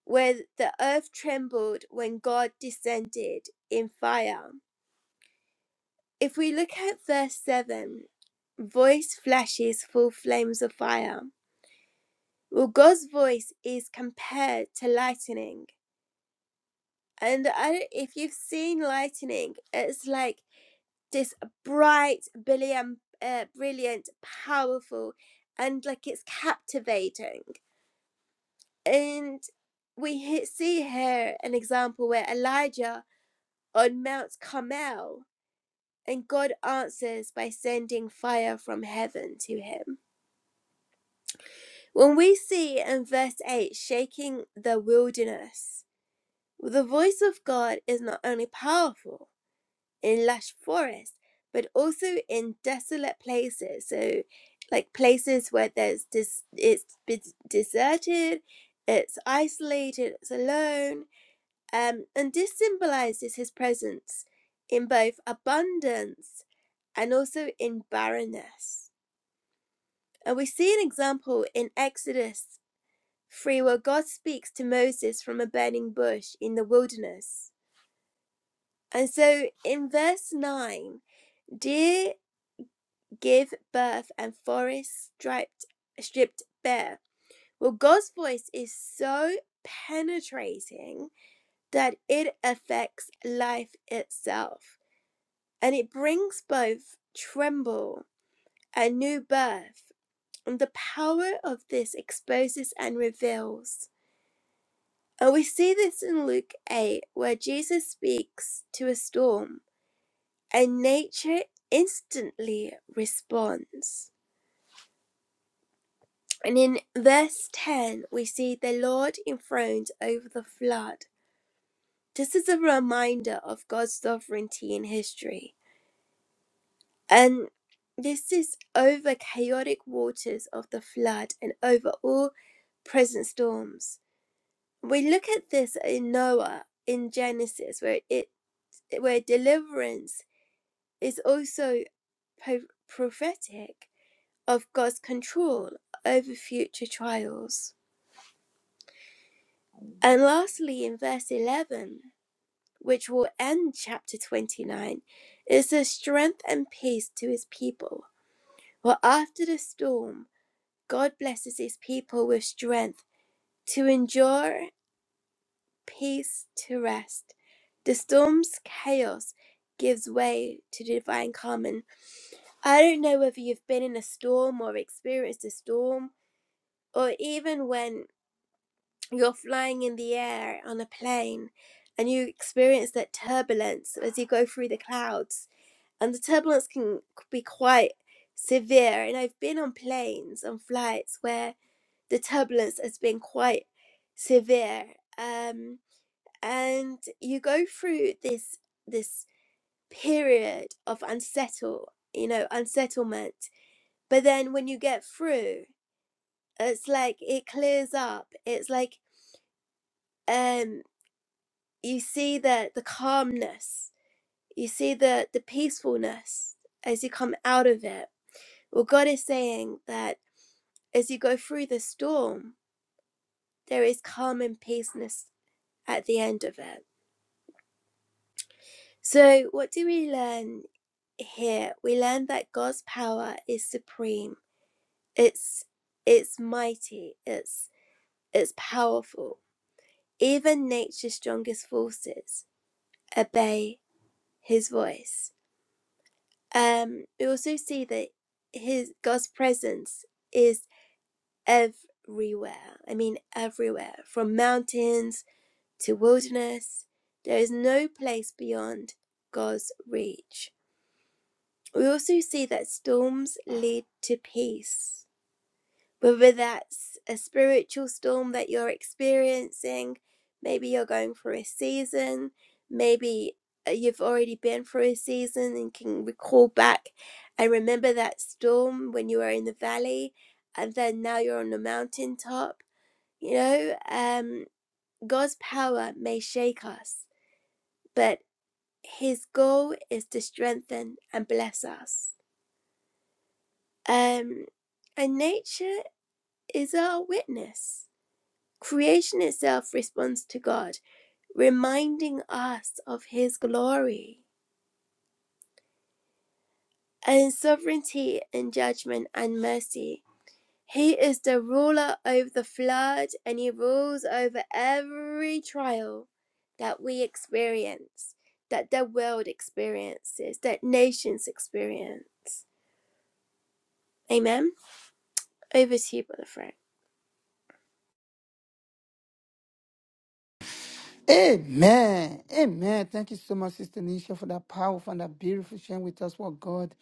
A: where the earth trembled when God descended in fire. If we look at verse seven, voice flashes full flames of fire. Well, God's voice is compared to lightning, and I, if you've seen lightning, it's like this bright, brilliant, uh, brilliant, powerful, and like it's captivating And we he- see here an example where Elijah on Mount Carmel and God answers by sending fire from heaven to him. When we see in verse 8 shaking the wilderness, the voice of God is not only powerful in lush forests, but also in desolate places. So, like places where there's des- it's been deserted, it's isolated, it's alone Um, and this symbolizes his presence in both abundance and also in barrenness. And we see an example in Exodus 3, where God speaks to Moses from a burning bush in the wilderness. And so in verse 9, deer give birth and forest striped, stripped bare. Well, God's voice is so penetrating that it affects life itself. and it brings both tremble and new birth. And the power of this exposes and reveals. And we see this in Luke 8, where Jesus speaks to a storm, and nature instantly responds. And in verse 10, we see the Lord enthroned over the flood. This is a reminder of God's sovereignty in history And this is over chaotic waters of the flood and over all present storms. We look at this in Noah in Genesis, where it where deliverance is also po- prophetic of God's control over future trials. And lastly, in verse 11, which will end chapter 29, is the strength and peace to his people. Well, after the storm, God blesses his people with strength to endure, peace to rest. The storm's chaos gives way to divine calm. And I don't know whether you've been in a storm or experienced a storm, or even when you're flying in the air on a plane and you experience that turbulence as you go through the clouds. And the turbulence can be quite severe. And I've been on planes, on flights where the turbulence has been quite severe um, and you go through this this period of unsettle you know unsettlement but then when you get through it's like it clears up it's like um you see the the calmness you see the the peacefulness as you come out of it well god is saying that as you go through the storm there is calm and peaceness at the end of it So, what do we learn here? We learn that God's power is supreme. It's it's mighty. It's it's powerful. Even nature's strongest forces obey His voice. Um, we also see that His God's presence is everywhere. I mean, everywhere from mountains to wilderness. There is no place beyond God's reach. We also see that storms lead to peace, whether that's a spiritual storm that you're experiencing, maybe you're going through a season, maybe uh, you've already been through a season and can recall back and remember that storm when you were in the valley and then now you're on the mountaintop. You know, um, God's power may shake us, but his goal is to strengthen and bless us. Um, and nature is our witness. Creation itself responds to God, reminding us of His glory and His sovereignty and judgment and mercy. He is the ruler over the flood and He rules over every trial that we experience, that the world experiences, that nations experience. Amen. Over to you, Brother Frank.
B: Amen. Amen. Thank you so much, Sister Nisha, for that powerful and that beautiful sharing with us what God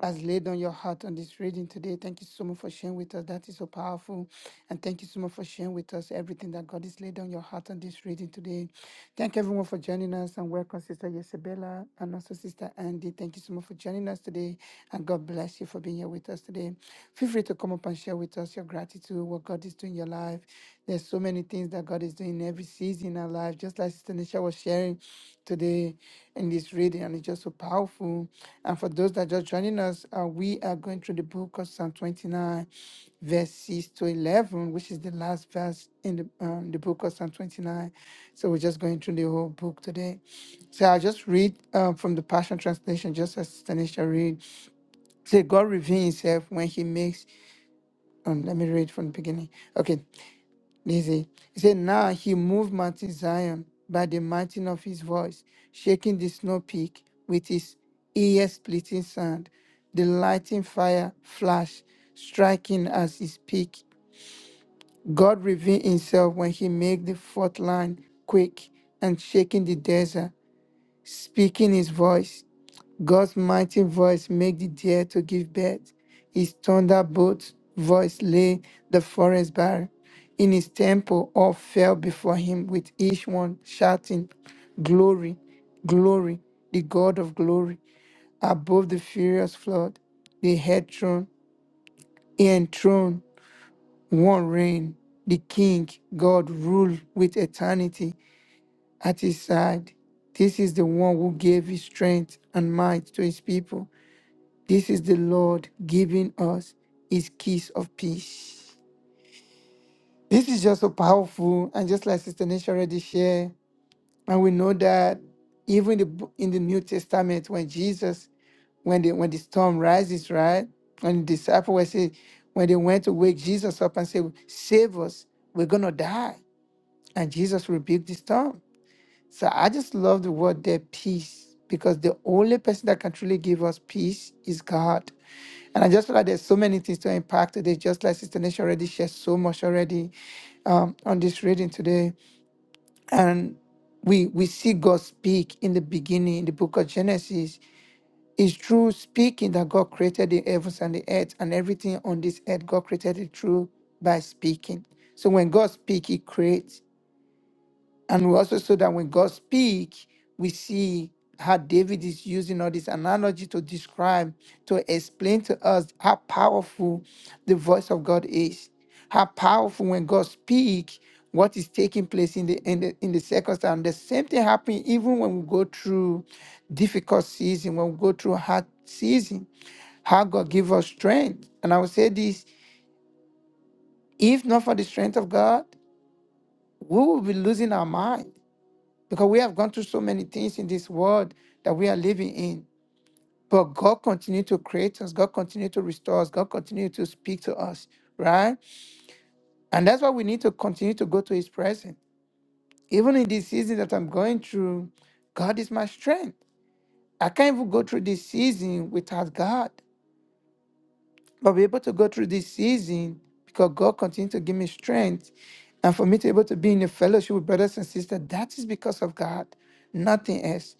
B: has laid on your heart on this reading today. Thank you so much for sharing with us. That is so powerful. And thank you so much for sharing with us everything that God has laid on your heart on this reading today. Thank everyone for joining us and welcome, Sister Isabella and also Sister Andy. Thank you so much for joining us today. And God bless you for being here with us today. Feel free to come up and share with us your gratitude, what God is doing in your life. There's so many things that God is doing every season in our life, just like Sister Nisha was sharing today in this reading, and it's just so powerful. And for those that just joining us, uh, we are going through the book of Psalm 29, verse 6 to 11, which is the last verse in the, um, the book of Psalm 29. So we're just going through the whole book today. So I'll just read um, from the Passion Translation, just as Tanisha read. Say, God reveals himself when he makes, um, let me read from the beginning. Okay, you he said, Now he moved Mount Zion by the mountain of his voice, shaking the snow peak with his ear splitting sound. The lightning fire flashed, striking as his peak. God revealed himself when he made the fourth line quake and shaking the desert, speaking his voice. God's mighty voice made the deer to give birth. His thunderbolt voice lay the forest bare. In his temple all fell before him with each one shouting, Glory, glory, the God of glory. Above the furious flood, the head throne, enthroned, throne, one reign. The king, God, rule with eternity at his side. This is the one who gave his strength and might to his people this is the Lord giving us his kiss of peace. This is just so powerful. And just like Sister Nisha already shared, and we know that even in the, bo- in the New Testament, when Jesus, when the, when the storm rises, right? And the disciples were saying, when they went to wake Jesus up and say, save us, we're going to die. And Jesus rebuked the storm. So I just love the word there, peace, because the only person that can truly give us peace is God. And I just feel like there's so many things to impact today, just like Sister Nation already shared so much already um, on this reading today. And we we see God speak in the beginning, in the book of Genesis. It's through speaking that God created the heavens and the earth and everything on this earth. God created it through by speaking. So when God speaks, He creates. And we also saw that when God speaks, we see how David is using all this analogy to describe, to explain to us how powerful the voice of God is, how powerful when God speaks, what is taking place in the in the in the circumstance. The same thing happens even when we go through difficult season, when we go through hard season, how God give us strength. And I will say this: if not for the strength of God, we will be losing our mind because we have gone through so many things in this world that we are living in. But God continued to create us, God continued to restore us, God continued to speak to us, right? And that's why we need to continue to go to His presence. Even in this season that I'm going through, God is my strength. I can't even go through this season without God. But be able to go through this season because God continued to give me strength. And for me to be able to be in a fellowship with brothers and sisters, that is because of God, nothing else.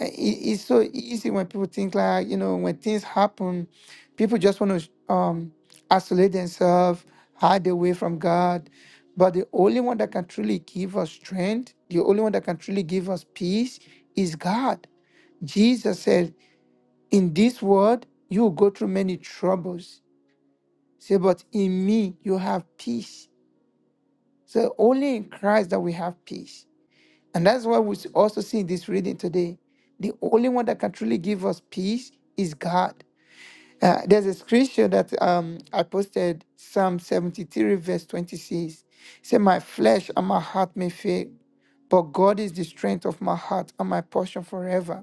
B: Uh, it- it's so easy when people think like you know when things happen people just want to um isolate themselves hide away from god but the only one that can truly give us strength the only one that can truly give us peace is god jesus said in this world you will go through many troubles Say, but in me you have peace. So only in Christ that we have peace. And that's why we also see in this reading today. The only one that can truly give us peace is God. Uh, there's a scripture that um, I posted, Psalm 73, verse 26. Say, My flesh and my heart may fail, but God is the strength of my heart and my portion forever.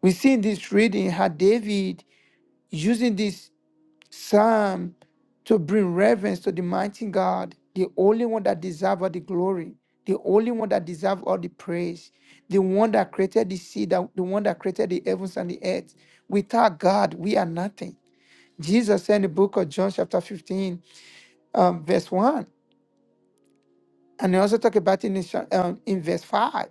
B: We see in this reading how David using this. Psalm to bring reverence to the mighty God, the only one that deserves all the glory, the only one that deserves all the praise, the one that created the sea, that, the one that created the heavens and the earth. Without God, we are nothing. Jesus said in the book of John, chapter 15, um, verse 1, and he also talk about it in, cha- um, in verse 5,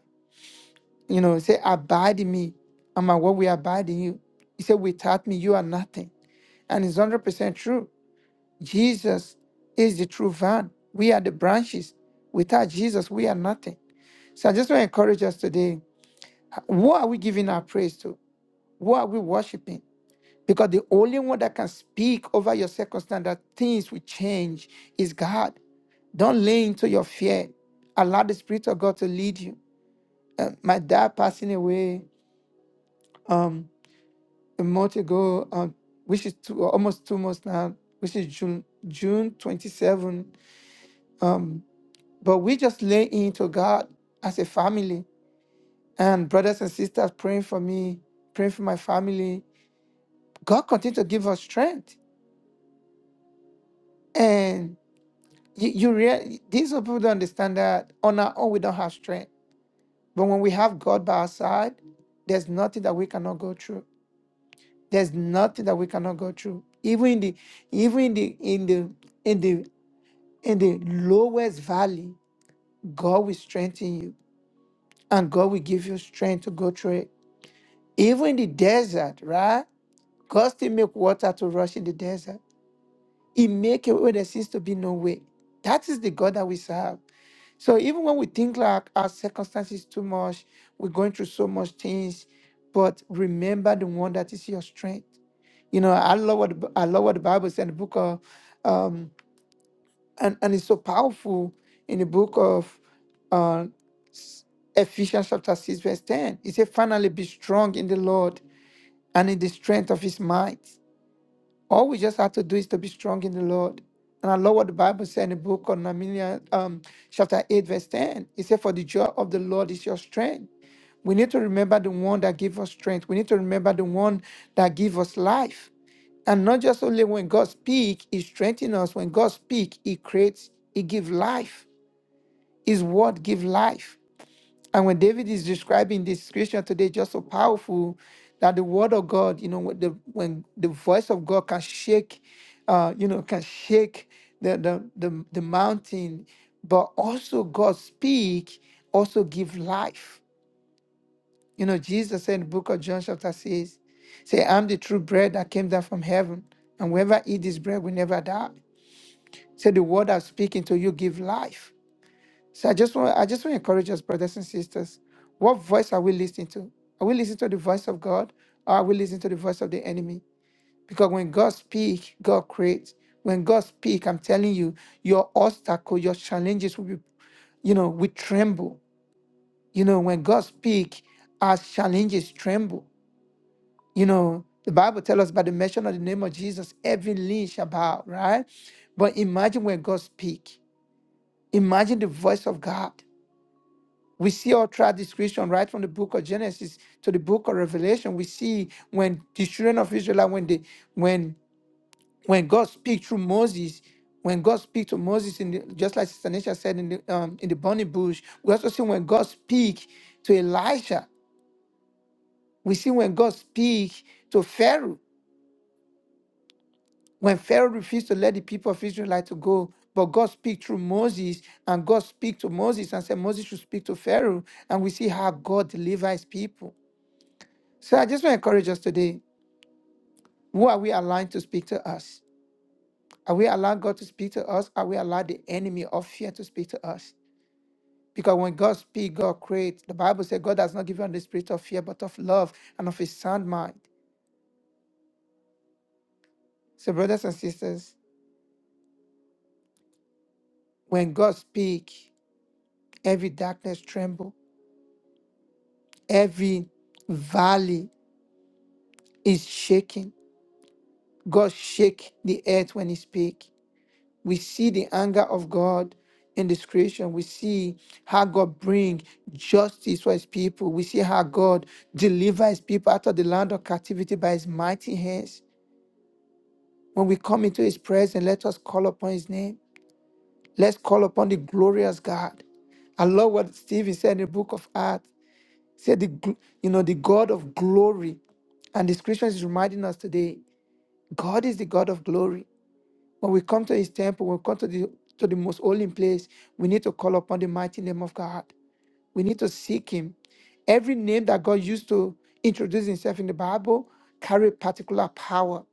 B: you know, he say, Abide in me, and my word will abide in you. He said, Without me, you are nothing. And it's 100% true Jesus is the true vine. We are the branches. Without Jesus, we are nothing. So I just want to encourage us today. Who are we giving our praise to? Who are we worshiping? Because the only one that can speak over your circumstance that things will change is God. Don't lean into your fear. Allow the Spirit of God to lead you. Uh, my dad passing away um, a month ago, um, which is two, almost two months now, which is June June 27. um, But we just lay into God as a family and brothers and sisters praying for me, praying for my family. God continue to give us strength. And you, you rea- these people don't understand that on our own we don't have strength. But when we have God by our side, there's nothing that we cannot go through. There's nothing that we cannot go through. Even in the even in the in the in the in the lowest valley, God will strengthen you and God will give you strength to go through it. Even the desert, right? God still make water to rush in the desert. He make a way where there seems to be no way. That is the God that we serve. So even when we think like our circumstances too much, we're going through so much things, but remember the one that is your strength. You know, I love what the Bi- I love what the Bible said in the book of, um, and and it's so powerful in the book of uh, s- Ephesians chapter six verse ten. It says, "Finally, be strong in the Lord." and in the strength of his might. All we just have to do is to be strong in the Lord. And I love what the Bible said in the book of Nehemiah, um, chapter 8, verse 10. It said, For the joy of the Lord is your strength. We need to remember the one that gives us strength. We need to remember the one that gives us life. And not just only when God speaks, He strengthens us. When God speaks, He creates, He gives life. His word gives life. And when David is describing this scripture today, just so powerful that the word of God, you know, when the when the voice of God can shake, uh, you know, can shake the the the, the mountain, but also God speak, also give life. You know, Jesus said in the book of John chapter six, say, I'm the true bread that came down from heaven, and whoever eat this bread will never die. Say the word I'm speaking to you give life. So I just want I just want to encourage us, brothers and sisters. What voice are we listening to? Are we listening to the voice of God or are we listening to the voice of the enemy? Because when God speaks, God creates. When God speaks, I'm telling you, your obstacle, your challenges will be, you know, we tremble. You know, when God speaks, our challenges tremble. You know, the Bible tells us by the mention of the name of Jesus, every knee shall bow, right? But imagine when God speaks. Imagine the voice of God. We see all throughout this creation, right from the book of Genesis to the book of Revelation, we see when the children of Israel, like when they, when when God speaks through Moses, when God speaks to Moses, in the, just like Sister Nisha said in the um, in the burning bush, we also see when God speaks to Elisha. We see when God speaks to Pharaoh, when Pharaoh refused to let the people of Israel like to go, but God speaks through Moses, and God speaks to Moses and said Moses should speak to Pharaoh, and we see how God delivers his people. So I just want to encourage us today. Who are we allowing to speak to us? Are we allowing God to speak to us? Are we allowing the enemy of fear to speak to us? Because when God speaks, God creates. The Bible says God has not given us the spirit of fear, but of love and of a sound mind. So, brothers and sisters, when God speaks, every darkness tremble, every valley is shaking. God shake the earth when He speak. We see the anger of God in this creation. We see how God bring justice for his people. We see how God deliver his people out of the land of captivity by his mighty hands. When we come into his presence, let us call upon his name. Let's call upon the glorious God. I love what Stephen said in the book of Acts. He said, the, gl- you know, the God of glory. And the scriptures is reminding us today, God is the God of glory. When we come to his temple, when we come to the to the most holy place, we need to call upon the mighty name of God. We need to seek him. Every name that God used to introduce himself in the Bible carry particular power.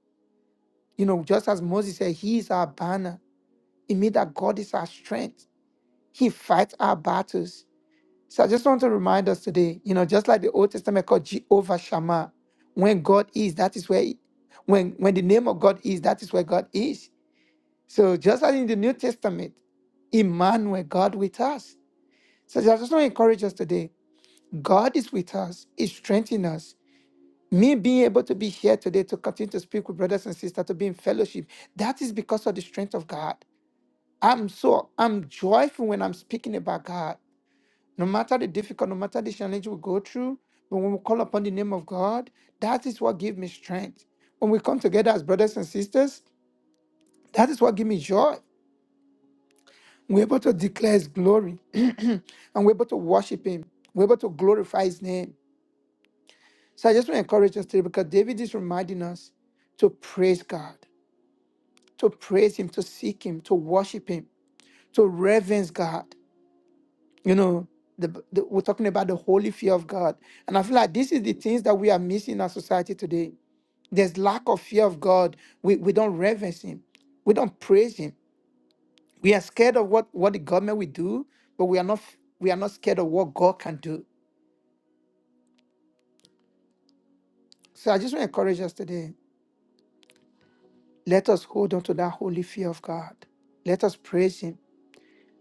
B: You know, just as Moses said, He is our banner. It means that God is our strength. He fights our battles. So I just want to remind us today, you know, just like the Old Testament called Jehovah Shammah, when God is, that is where, when when the name of God is, that is where God is. So just as in the New Testament, Emmanuel, God with us. So I just want to encourage us today. God is with us. He strengthens us. Me being able to be here today to continue to speak with brothers and sisters, to be in fellowship, that is because of the strength of God. I'm so I'm joyful when I'm speaking about God. No matter the difficult, no matter the challenge we go through, but when we call upon the name of God, that is what gives me strength. When we come together as brothers and sisters, that is what gives me joy. We're able to declare His glory and we're able to worship Him. We're able to glorify His name. So I just want to encourage us today because David is reminding us to praise God, to praise Him, to seek Him, to worship Him, to reverence God. You know, the, the- we're talking about the holy fear of God. And I feel like this is the things that we are missing in our society today. There's lack of fear of God. We, we don't reverence Him, we don't praise Him. We are scared of what, what the government will do, but we are not we are not scared of what God can do. So I just want to encourage us today. Let us hold on to that holy fear of God. Let us praise Him.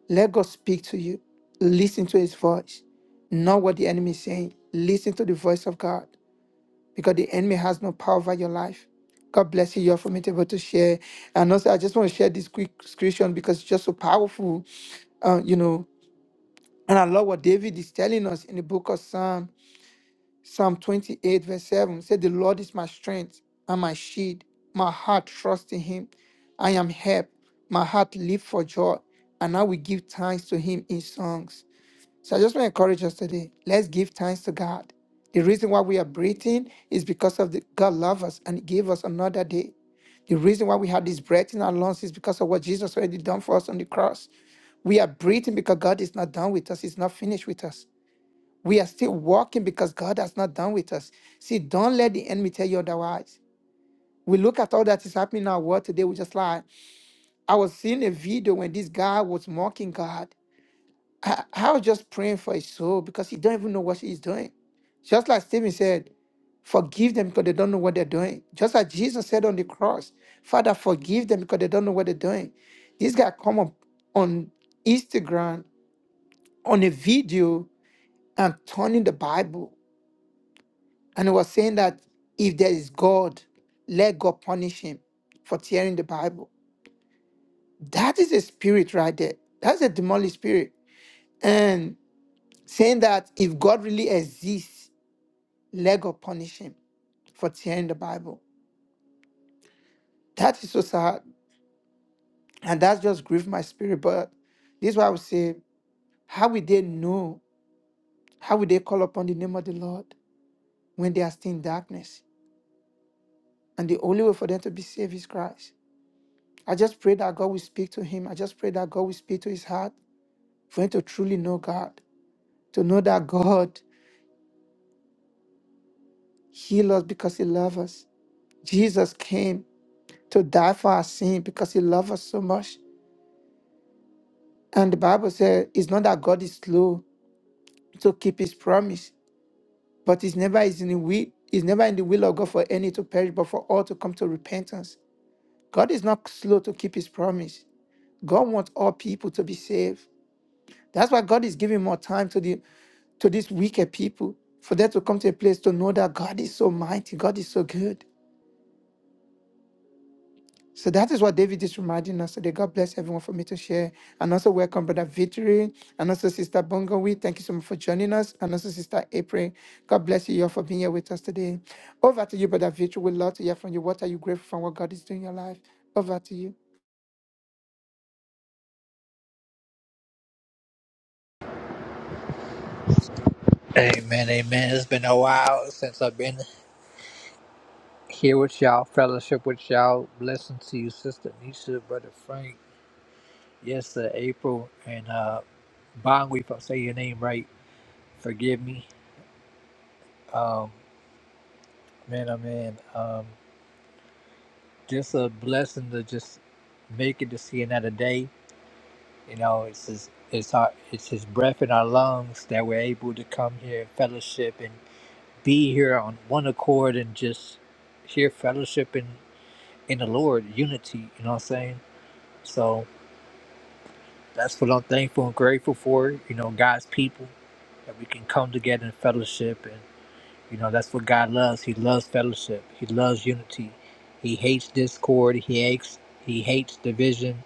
B: Let God speak to you. Listen to His voice, not what the enemy is saying. Listen to the voice of God because the enemy has no power over your life. God bless you. You're for me to be able to share. And also, I just want to share this quick scripture because it's just so powerful. Uh, you know, and I love what David is telling us in the book of Psalm. Psalm 28, verse 7 said, The Lord is my strength and my shield. My heart trusts in him. I am helped. My heart leap for joy. And I will give thanks to him in songs. So I just want to encourage us today. Let's give thanks to God. The reason why we are breathing is because of the God loves us and He gave us another day. The reason why we have this breath in our lungs is because of what Jesus already done for us on the cross. We are breathing because God is not done with us, He's not finished with us. We are still walking because God has not done with us. See, don't let the enemy tell you otherwise. We look at all that is happening in our world today. We just like, I was seeing a video when this guy was mocking God. I, I was just praying for his soul because he don't even know what he's doing. Just like Stephen said, forgive them because they don't know what they're doing. Just like Jesus said on the cross, Father, forgive them because they don't know what they're doing. This guy come up on Instagram on a video and turning the Bible. And he was saying that if there is God, let God punish him for tearing the Bible. That is a spirit right there. That's a demonic spirit. And saying that if God really exists, let God punish him for tearing the Bible. That is so sad. And that's just grieved my spirit. But this is why I would say, how will they know? How will they call upon the name of the Lord when they are still in darkness? And the only way for them to be saved is Christ. I just pray that God will speak to him. I just pray that God will speak to his heart for him to truly know God, to know that God healed us because he loved us. Jesus came to die for our sin because he loved us so much. And the Bible says it's not that God is slow to keep his promise, but it's never is in the will, it's never in the will of God for any to perish, but for all to come to repentance. God is not slow to keep his promise. God wants all people to be saved. That's why God is giving more time to the to these weaker people for them to come to a place to know that God is so mighty, God is so good. So that is what David is reminding us today. God bless everyone for me to share. And also welcome Brother Victory and also Sister Bongowi. Thank you so much for joining us. And also Sister April. God bless you all for being here with us today. Over to you, Brother Victory. We'd love to hear from you. What are you grateful for? and What God is doing in your life? Over to you.
C: Amen, amen. It's been a while since I've been here with y'all, fellowship with y'all. Blessing to you, Sister Nisha, Brother Frank, yes, sir, April, and uh, Bonwe, if I'm your name right, forgive me. Um, man, oh man, um, just a blessing to just make it to see another day. You know, it's his, it's our, it's his breath in our lungs that we're able to come here, fellowship, and be here on one accord and just here fellowshipping in the Lord, unity, you know what I'm saying? So that's what I'm thankful and grateful for, you know, God's people, that we can come together in fellowship. And, you know, that's what God loves. He loves fellowship, He loves unity. He hates discord, He hates, he hates division,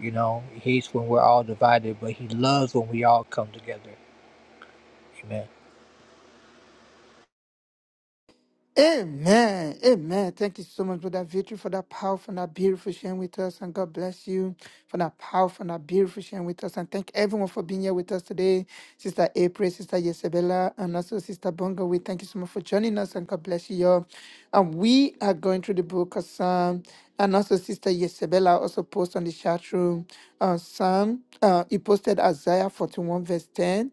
C: you know, He hates when we're all divided, but He loves when we all come together. Amen.
B: Amen. Amen. Thank you so much for that victory, for that powerful and that beautiful sharing with us. And God bless you for that powerful and that beautiful sharing with us. And thank everyone for being here with us today. Sister April, Sister Yesabella, and also Sister Bongo. We thank you so much for joining us and God bless you all. And we are going through the book of Psalm. And also Sister Yesabella also posted on the chat room uh, Psalm. Uh, he posted Isaiah 41 verse 10.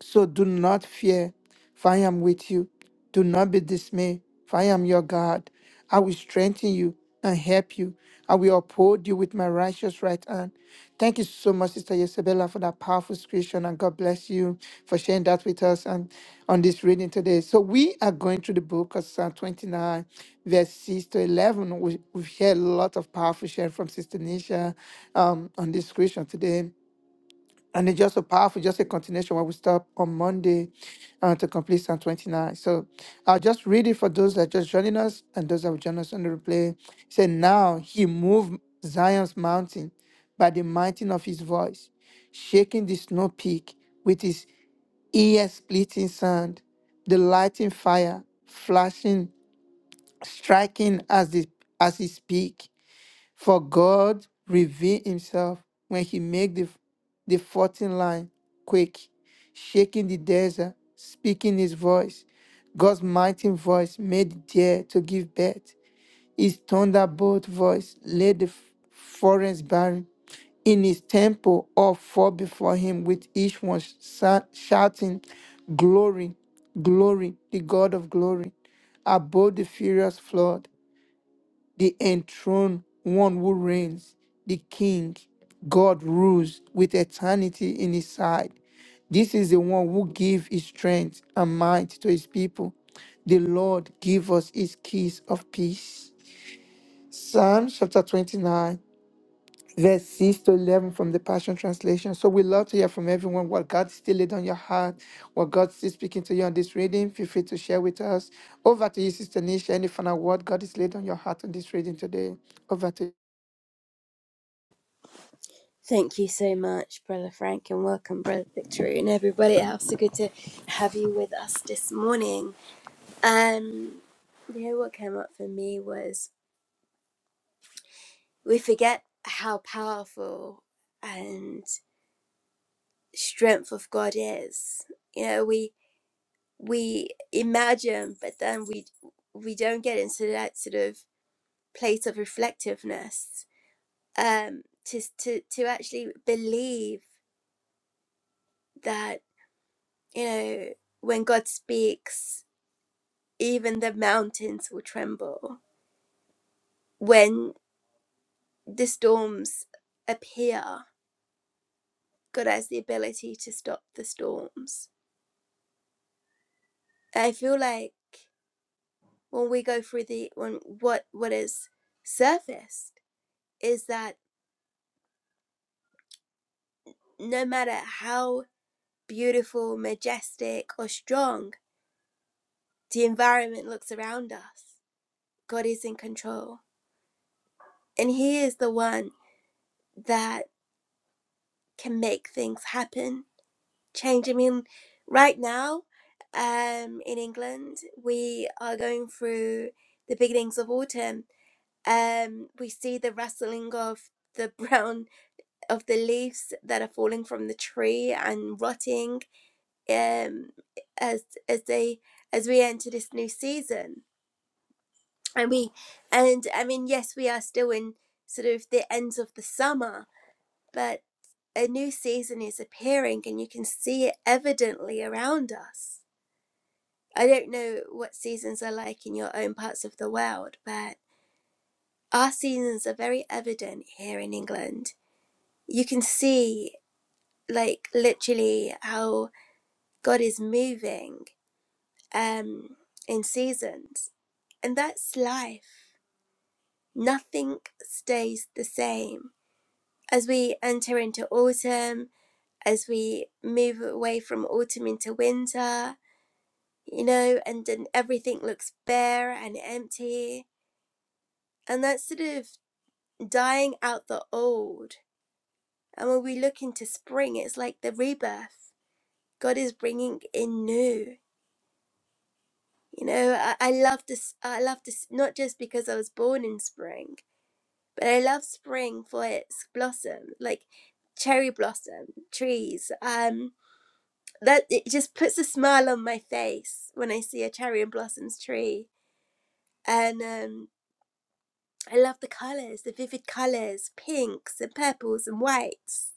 B: So do not fear, for I am with you. Do not be dismayed, for I am your God. I will strengthen you and help you. I will uphold you with my righteous right hand. Thank you so much, Sister Isabella, for that powerful scripture, and God bless you for sharing that with us and on this reading today. So we are going through the book of Psalm 29, verse 6 to 11. We, we've heard a lot of powerful sharing from Sister Nisha um, on this scripture today. And it's just so powerful, just a continuation where we stop on Monday uh, to complete Psalm 29. So I'll just read it for those that just joining us and those that will join us on the replay. It said, Now he moved Zion's mountain by the mighty of his voice, shaking the snow peak with his ear splitting sound, the lighting fire flashing, striking as, the, as he speak. For God revealed himself when he made the, the fourteen line quake, shaking the desert, speaking his voice. God's mighty voice made the air to give birth. His thunderbolt voice laid the f- forest barren. In his temple, all fall before him with each one sa- shouting, Glory, glory, the God of glory. Above the furious flood, the enthroned one who reigns, the king. God rules with eternity in his side. This is the one who gives his strength and might to his people. The Lord give us his keys of peace. Psalm chapter 29 verse 6 to 11 from the Passion Translation. So we love to hear from everyone what God still laid on your heart, what God still speaking to you on this reading. Feel free to share with us. Over to you, Sister Nisha. Any final word God is laid on your heart on this reading today? Over to you.
A: Thank you so much, Brother Frank, and welcome, Brother Victory, and everybody else. So good to have you with us this morning. Um, you know what came up for me was we forget how powerful and strength of God is. You know, we we imagine, but then we we don't get into that sort of place of reflectiveness um, to to to actually believe that you know when God speaks. Even the mountains will tremble. When the storms appear, God has the ability to stop the storms. I feel like when we go through the when what what is surfaced is that no matter how beautiful, majestic or strong the environment looks around us, God is in control. And He is the one that can make things happen change. I mean, right now, um, in England, we are going through the beginnings of autumn. Um, we see the rustling of the brown of the leaves that are falling from the tree and rotting. Um, as as they as we enter this new season, and we and I mean, yes, we are still in sort of the ends of the summer, but a new season is appearing, and you can see it evidently around us. I don't know what seasons are like in your own parts of the world, but our seasons are very evident here in England. You can see, like, literally how God is moving um, in seasons. And that's life. Nothing stays the same. As we enter into autumn, as we move away from autumn into winter, you know, and then everything looks bare and empty. And that's sort of dying out the old. And when we look into spring, it's like the rebirth. God is bringing in new. You know, I, I love this. I love this not just because I was born in spring, but I love spring for its blossom, like cherry blossom trees. Um, that it just puts a smile on my face when I see a cherry and blossoms tree. And um, I love the colors, the vivid colors, pinks and purples and whites.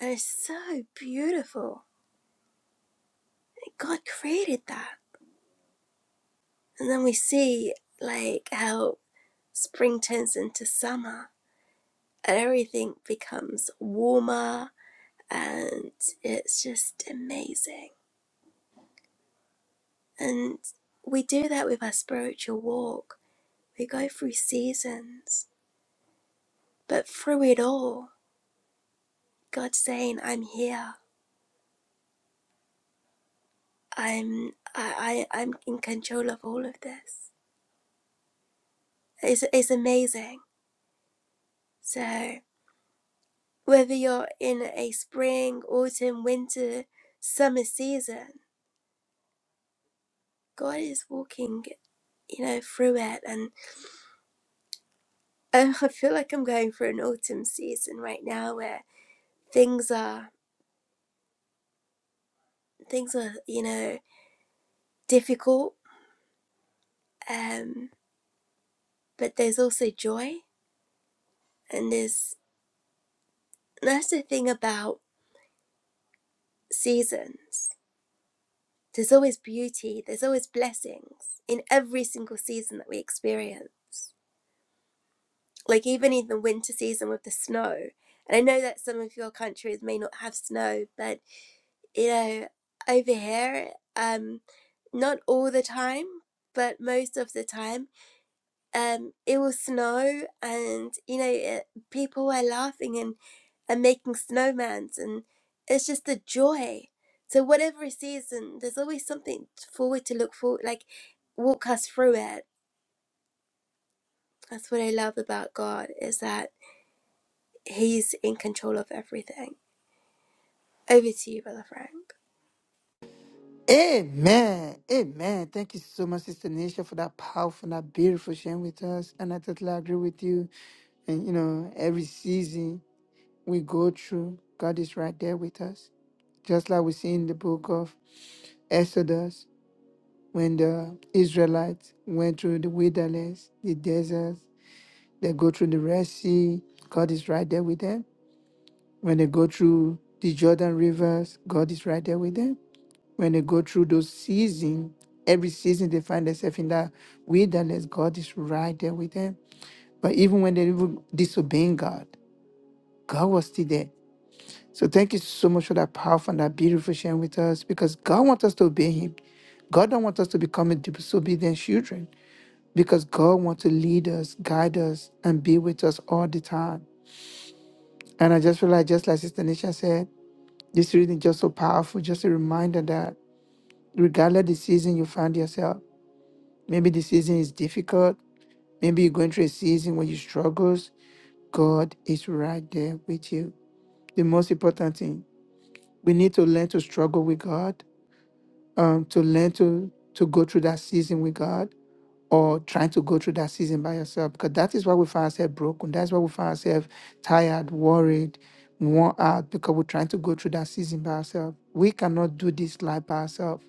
A: And it's so beautiful. God created that. And then we see like how spring turns into summer and everything becomes warmer and it's just amazing. And we do that with our spiritual walk. We go through seasons, but through it all, God's saying, I'm here. I'm I, I I'm in control of all of this. It's it's amazing. So Whether you're in a spring, autumn, winter, summer season, God is walking, you know, through it. And um, I feel like I'm going through an autumn season right now where things are things are, you know, difficult. Um, but there's also joy, and there's and that's the thing about seasons. There's always beauty. There's always blessings in every single season that we experience. like even in the winter season with the snow. And I know that some of your countries may not have snow, but you know, over here, um, not all the time, but most of the time, um, it will snow, and you know, it, people are laughing and and making snowmans, and it's just a joy. So whatever season, there's always something forward to look forward, like walk us through it. That's what I love about God is that He's in control of everything. Over to you, Brother Frank.
B: Amen. Amen. Thank you so much, Sister Nisha, for that powerful, that beautiful sharing with us. And I totally agree with you. And you know, every season we go through, God is right there with us. Just like we see in the book of Exodus, when the Israelites went through the wilderness, the deserts, they go through the Red Sea, God is right there with them. When they go through the Jordan rivers, God is right there with them. When they go through those seasons, every season they find themselves in that wilderness, God is right there with them. But even when they were disobeying God, God was still there. So thank you so much for that powerful and that beautiful sharing with us because God wants us to obey Him. God don't want us to become a disobedient children because God wants to lead us, guide us, and be with us all the time. And I just feel like, just like Sister Nisha said, this reading is just so powerful, just a reminder that regardless of the season you find yourself, maybe the season is difficult, maybe you're going through a season where you struggles, God is right there with you. The most important thing, we need to learn to struggle with God um, to learn to to go through that season with God or trying to go through that season by yourself because that is why we find ourselves broken. That's why we find ourselves tired, worried, worn out because we're trying to go through that season by ourselves. We cannot do this life by ourselves.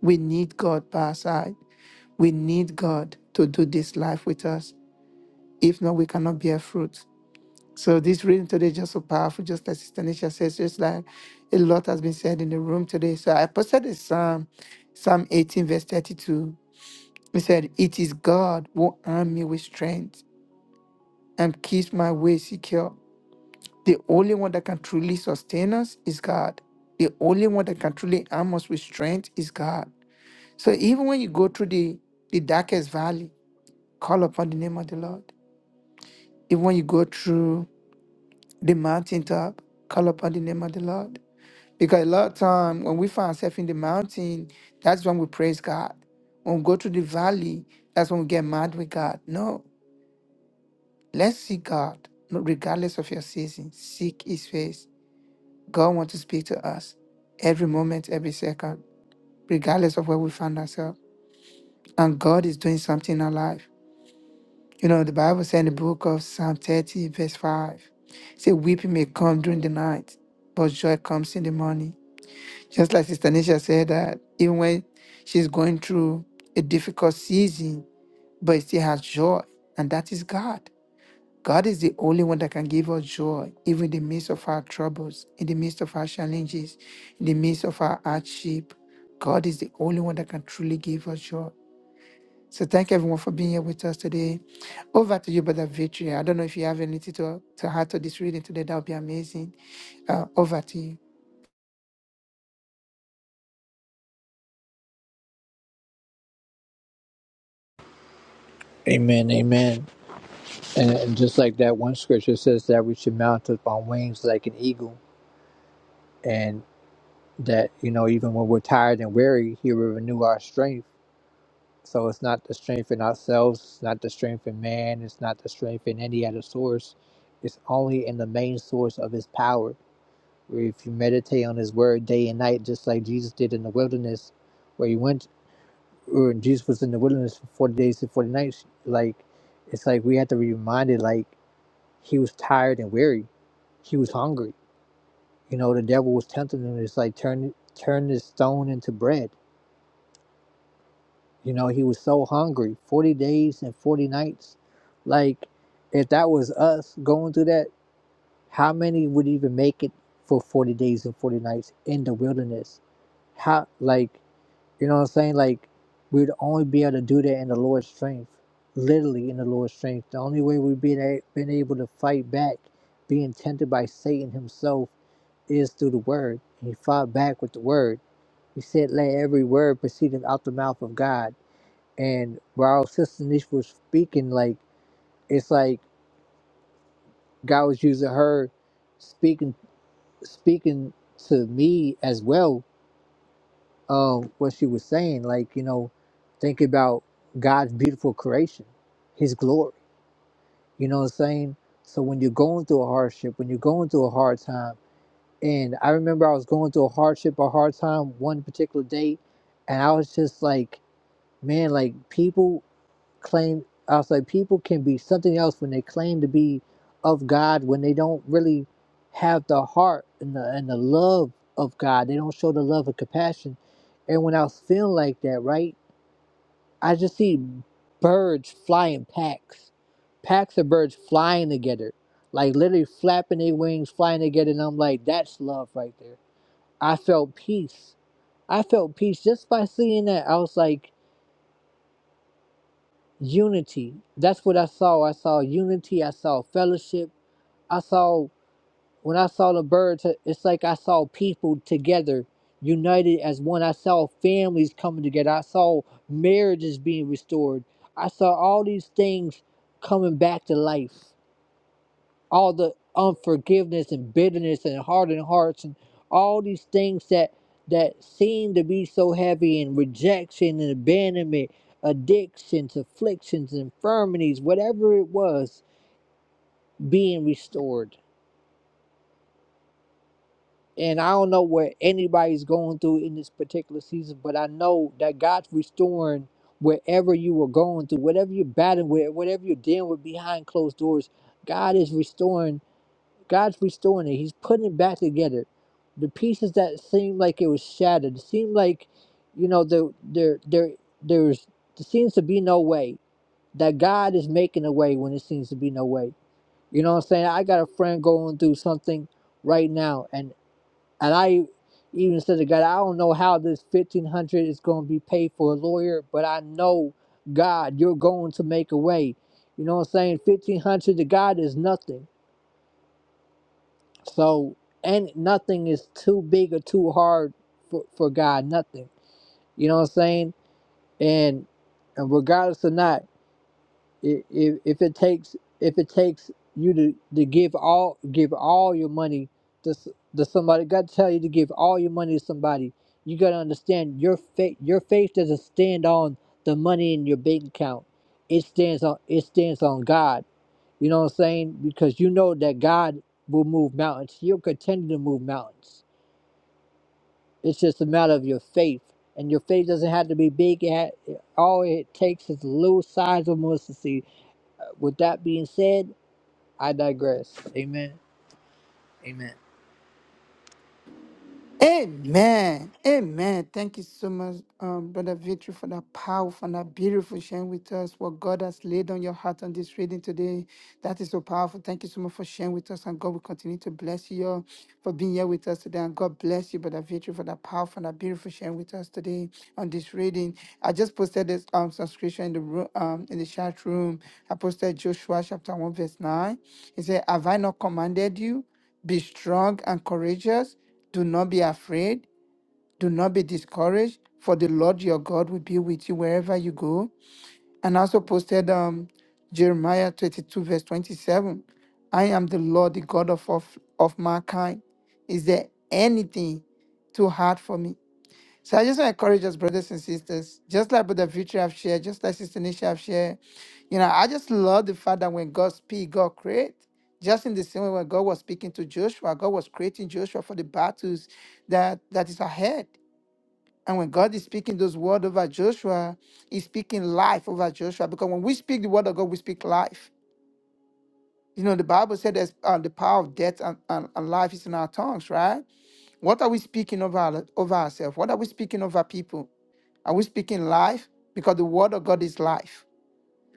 B: We need God by our side. We need God to do this life with us. If not, we cannot bear fruit. So this reading today is just so powerful, just like Sister Nisha says, just like a lot has been said in the room today. So I posted a psalm, Psalm 18, verse 32. It said, It is God who armed me with strength and keeps my way secure. The only one that can truly sustain us is God. The only one that can truly arm us with strength is God. So even when you go through the, the darkest valley, call upon the name of the Lord. Even when you go through the mountaintop. Call upon the name of the Lord. Because a lot of time when we find ourselves in the mountain, that's when we praise God. When we go to the valley, that's when we get mad with God. No, let's seek God, no- regardless of your season. Seek His face. God wants to speak to us every moment, every second, regardless of where we find ourselves. And God is doing something in our life. You know, the Bible says in the book of Psalm 30, verse 5, say, Weeping may come during the night, but joy comes in the morning. Just like Sister Nisha said, that even when she's going through a difficult season, but still has joy, and that is God. God is the only one that can give us joy, even in the midst of our troubles, in the midst of our challenges, in the midst of our hardship. God is the only one that can truly give us joy. So thank everyone for being here with us today. Over to you, Brother Victory. I don't know if you have anything to, to add to this reading today. That would be amazing. Uh, over to you.
C: Amen, amen. And, and just like that one scripture says that we should mount up on wings like an eagle. and that you know even when we're tired and weary he will renew our strength so it's not the strength in ourselves it's not the strength in man it's not the strength in any other source it's only in the main source of his power where if you meditate on his word day and night just like jesus did in the wilderness where he went or jesus was in the wilderness for 40 days and 40 nights like it's like we have to be reminded like he was tired and weary he was hungry you know the devil was tempting him it's like turn turn this stone into bread You know, he was so hungry 40 days and 40 nights. Like, if that was us going through that, how many would even make it for 40 days and 40 nights in the wilderness? How, like, you know what I'm saying? Like, we'd only be able to do that in the Lord's strength, literally in the Lord's strength. The only way we've been, a- been able to fight back being tempted by Satan himself is through the word. And he fought back with the word. He said, Let every word proceed out the mouth of God and while Sister Niche was speaking, like it's like God was using her speaking speaking to me as well, um, what she was saying, like, you know, think about God's beautiful creation, his glory. You know what I'm saying? So when you're going through a hardship, when you're going through a hard time, and I remember I was going through a hardship, a hard time one particular day, and I was just like, man, like people claim I was like people can be something else when they claim to be of God when they don't really have the heart and the and the love of God. They don't show the love and compassion. And when I was feeling like that, right, I just see birds flying packs. Packs of birds flying together. Like literally flapping their wings, flying together, and I'm like, that's love right there. I felt peace. I felt peace just by seeing that. I was like, unity. That's what I saw. I saw unity. I saw fellowship. I saw when I saw the birds, it's like I saw people together, united as one. I saw families coming together. I saw marriages being restored. I saw all these things coming back to life all the unforgiveness and bitterness and hardened hearts and all these things that that seem to be so heavy and rejection and abandonment addictions afflictions infirmities whatever it was being restored and i don't know what anybody's going through in this particular season but i know that god's restoring wherever you were going through whatever you're battling with whatever you're dealing with behind closed doors god is restoring God's restoring it. He's putting it back together. The pieces that seemed like it was shattered, seemed like, you know, there there there there's there seems to be no way. That God is making a way when it seems to be no way. You know what I'm saying? I got a friend going through something right now and and I even said to God, I don't know how this fifteen hundred is gonna be paid for a lawyer, but I know God, you're going to make a way. You know what I'm saying? Fifteen hundred to God is nothing so and nothing is too big or too hard for, for God. Nothing. You know what I'm saying? And and regardless or not, i- if, if it takes if it takes you to, to give all give all your money to s- to somebody, God tell you to give all your money to somebody. You gotta understand your faith. Your faith doesn't stand on the money in your bank account. It stands on it stands on God. You know what I'm saying? Because you know that God will move mountains. He'll continue to move mountains. It's just a matter of your faith. And your faith doesn't have to be big. It ha- all it takes is a little size of mustard seed. Uh, With that being said, I digress. Amen. Amen.
B: Amen. Amen. Thank you so much, um, Brother Victory, for that powerful and that beautiful sharing with us what God has laid on your heart on this reading today. That is so powerful. Thank you so much for sharing with us, and God will continue to bless you all for being here with us today. And God bless you, Brother Victory, for that powerful and that beautiful sharing with us today on this reading. I just posted this um subscription in the room, um, in the chat room. I posted Joshua chapter one verse nine. He said, "Have I not commanded you?" Be strong and courageous. Do not be afraid. Do not be discouraged, for the Lord your God will be with you wherever you go. And I also posted um, Jeremiah 22, verse 27. I am the Lord, the God of, of, of mankind. Is there anything too hard for me? So I just want to encourage us, brothers and sisters, just like Brother Victory have shared, just like Sister Nisha have shared. You know, I just love the fact that when God speaks, God creates. Just in the same way when God was speaking to Joshua, God was creating Joshua for the battles that that is ahead. And when God is speaking those words over Joshua, He's speaking life over Joshua. Because when we speak the word of God, we speak life. You know, the Bible said there's uh, the power of death and, and, and life is in our tongues, right? What are we speaking over, over ourselves? What are we speaking over people? Are we speaking life? Because the word of God is life.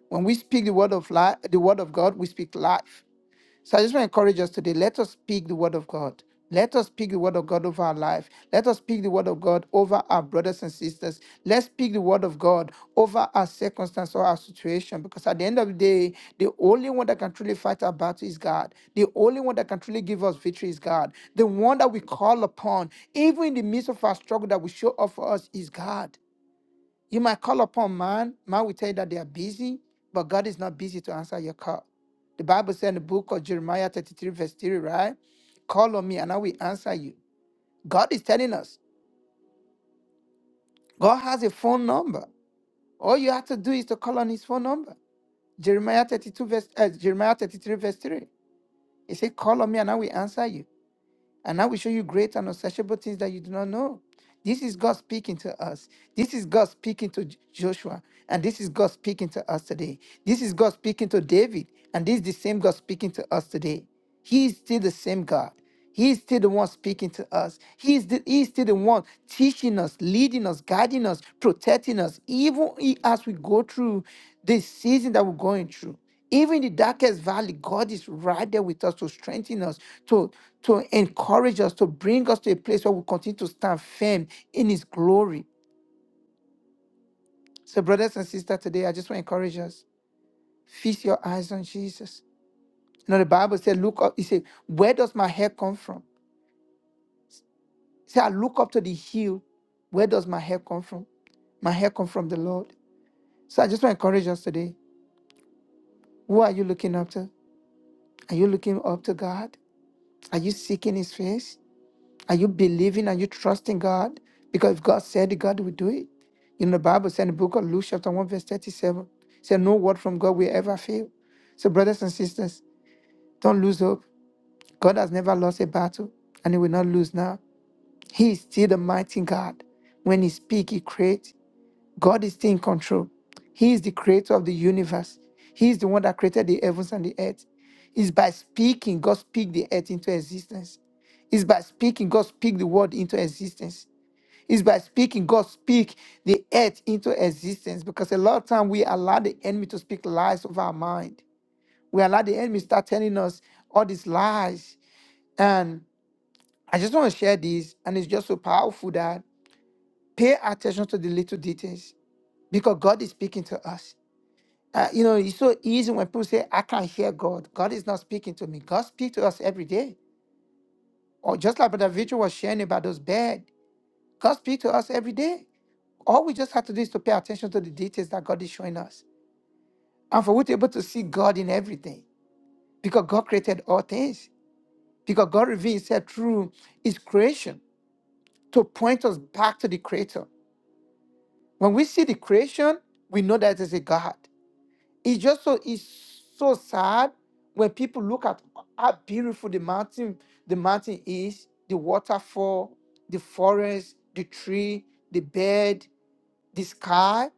B: When we speak the word of life, the word of God, we speak life. So I just want to encourage us today. Let us speak the word of God. Let us speak the word of God over our life. Let us speak the word of God over our brothers and sisters. Let's speak the word of God over our circumstance or our situation. Because at the end of the day, the only one that can truly fight our battle is God. The only one that can truly give us victory is God. The one that we call upon, even in the midst of our struggle, that will show up for us is God. You might call upon man. Man will tell you that they are busy, but God is not busy to answer your call. The Bible said in the book of Jeremiah 33, verse 3, right? Call on me and I will answer you. God is telling us. God has a phone number. All you have to do is to call on his phone number. Jeremiah 32, verse uh, Jeremiah 33, verse 3. He said, Call on me and I will answer you. And I will show you great and unsearchable things that you do not know. This is God speaking to us. This is God speaking to J- Joshua. And this is God speaking to us today. This is God speaking to David. And this is the same God speaking to us today. He is still the same God. He is still the one speaking to us. He is, the, he is still the one teaching us, leading us, guiding us, protecting us, even i- as we go through this season that we're going through. Even in the darkest valley, God is right there with us to strengthen us, to, to encourage us, to bring us to a place where we continue to stand firm in His glory. So, brothers and sisters, today I just want to encourage us. Feast your eyes on Jesus. You know, the Bible said, look up, He said, where does my help come from? It said, I look up to the hill. Where does my help come from? My help come from the Lord. So I just want to encourage us today. Who are you looking up to? Are you looking up to God? Are you seeking His face? Are you believing? Are you trusting God? Because if God said it, God will do it. You know, the Bible said in the book of Luke, chapter 1, verse 37, said, No word from God will ever fail. So, brothers and sisters, don't lose hope. God has never lost a battle, and He will not lose now. He is still the mighty God. When He speaks, He creates. God is still in control. He is the creator of the universe. He is the one that created the heavens and the earth. It's by speaking, God speak the earth into existence. It's by speaking, God speak the word into existence. It's by speaking, God speak the earth into existence because a lot of time we allow the enemy to speak lies of our mind. We allow the enemy start telling us all these lies. And I just want to share this, and it's just so powerful that pay attention to the little details because God is speaking to us. Uh, you know, it's so easy when people say, I can't hear God. God is not speaking to me. God speaks to us every day. Or just like Brother Victor was sharing about those bed, God speaks to us every day. All we just have to do is to pay attention to the details that God is showing us. And for we to be able to see God in everything. Because God created all things. Because God revealed himself through his creation to point us back to the creator. When we see the creation, we know that there's a God. It's just so it's so sad when people look at how beautiful the mountain, the mountain is, the waterfall, the forest, the tree, the bed, the sky,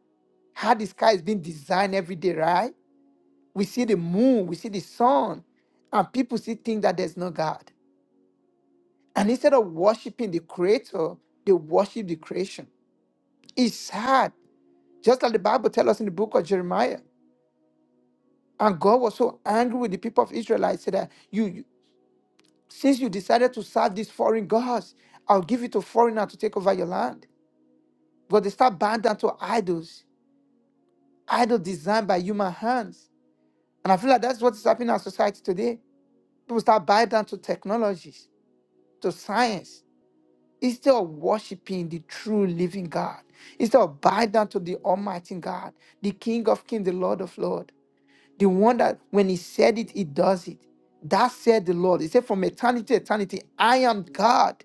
B: how the sky is being designed every day, right? We see the moon, we see the sun, and people still think that there's no God. And instead of worshiping the creator, they worship the creation. It's sad. Just like the Bible tells us in the book of Jeremiah. And God was so angry with the people of Israel. He said that you, you- since you decided to serve these foreign gods, I'll give it to foreigner to take over your land. But they start bowing down to idols, idols designed by human hands. And I feel like that's what is happening in our society today. People start buying down to technologies, to science, instead of worshiping the true living God, instead of bowing down to the Almighty God, the King of Kings, the Lord of Lords, the one that when He said it, He does it. That said the Lord. He said, From eternity to eternity, I am God.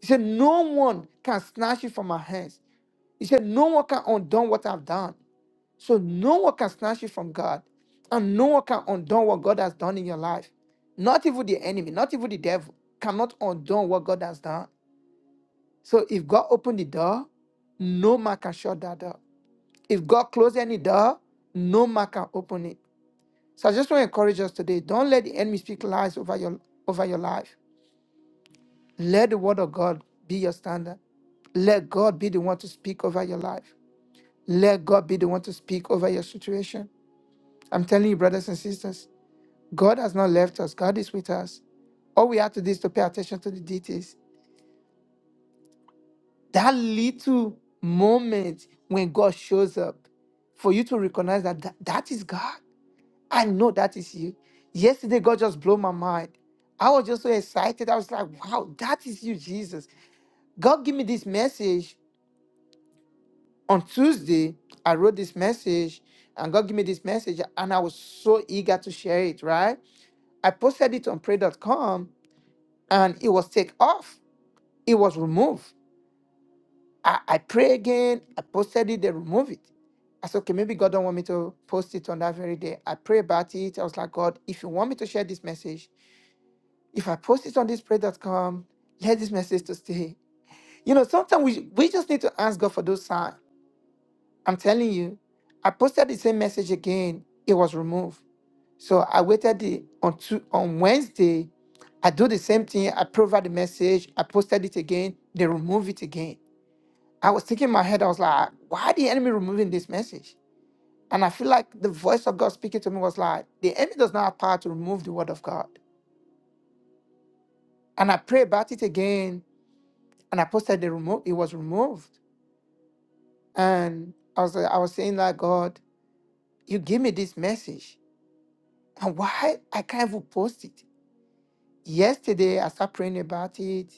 B: He said, No one can snatch you from my hands. He said, No one can undo what I've done. So no one can snatch you from God. And no one can undo what God has done in your life. Not even the enemy, not even the devil cannot undo what God has done. So if God opened the door, no man can shut that door. If God closed any door, no man can open it. So I just want to encourage us today. Don't let the enemy speak lies over your over your life. Let the word of God be your standard. Let God be the one to speak over your life. Let God be the one to speak over your situation. I'm telling you, brothers and sisters, God has not left us. God is with us. All we have to do is to pay attention to the details. that little moment when God shows up for you to recognize that that, that is God. I know that is you. Yesterday, God just blew my mind. I was just so excited. I was like, wow, that is you, Jesus. God gave me this message on Tuesday. I wrote this message, and God gave me this message, and I was so eager to share it, right? I posted it on pray.com, and it was take off. It was removed. I, I pray again. I posted it. They remove it. I said, okay, maybe God don't want me to post it on that very day. I pray about it. I was like, God, if you want me to share this message, if I post it on this prayer dot com, let this message to stay. You know, sometimes we, we just need to ask God for those signs. I'm telling you, I posted the same message again. It was removed. So I waited the, on two, on Wednesday. I do the same thing. I provide the message. I posted it again. They remove it again. I was thinking in my head, I was like, why are the enemy removing this message? And I feel like the voice of God speaking to me was like, the enemy does not have power to remove the word of God. And I prayed about it again, and I posted the remote, it was removed. And I was I was saying like, God, you give me this message. And why I can't even post it? Yesterday I started praying about it.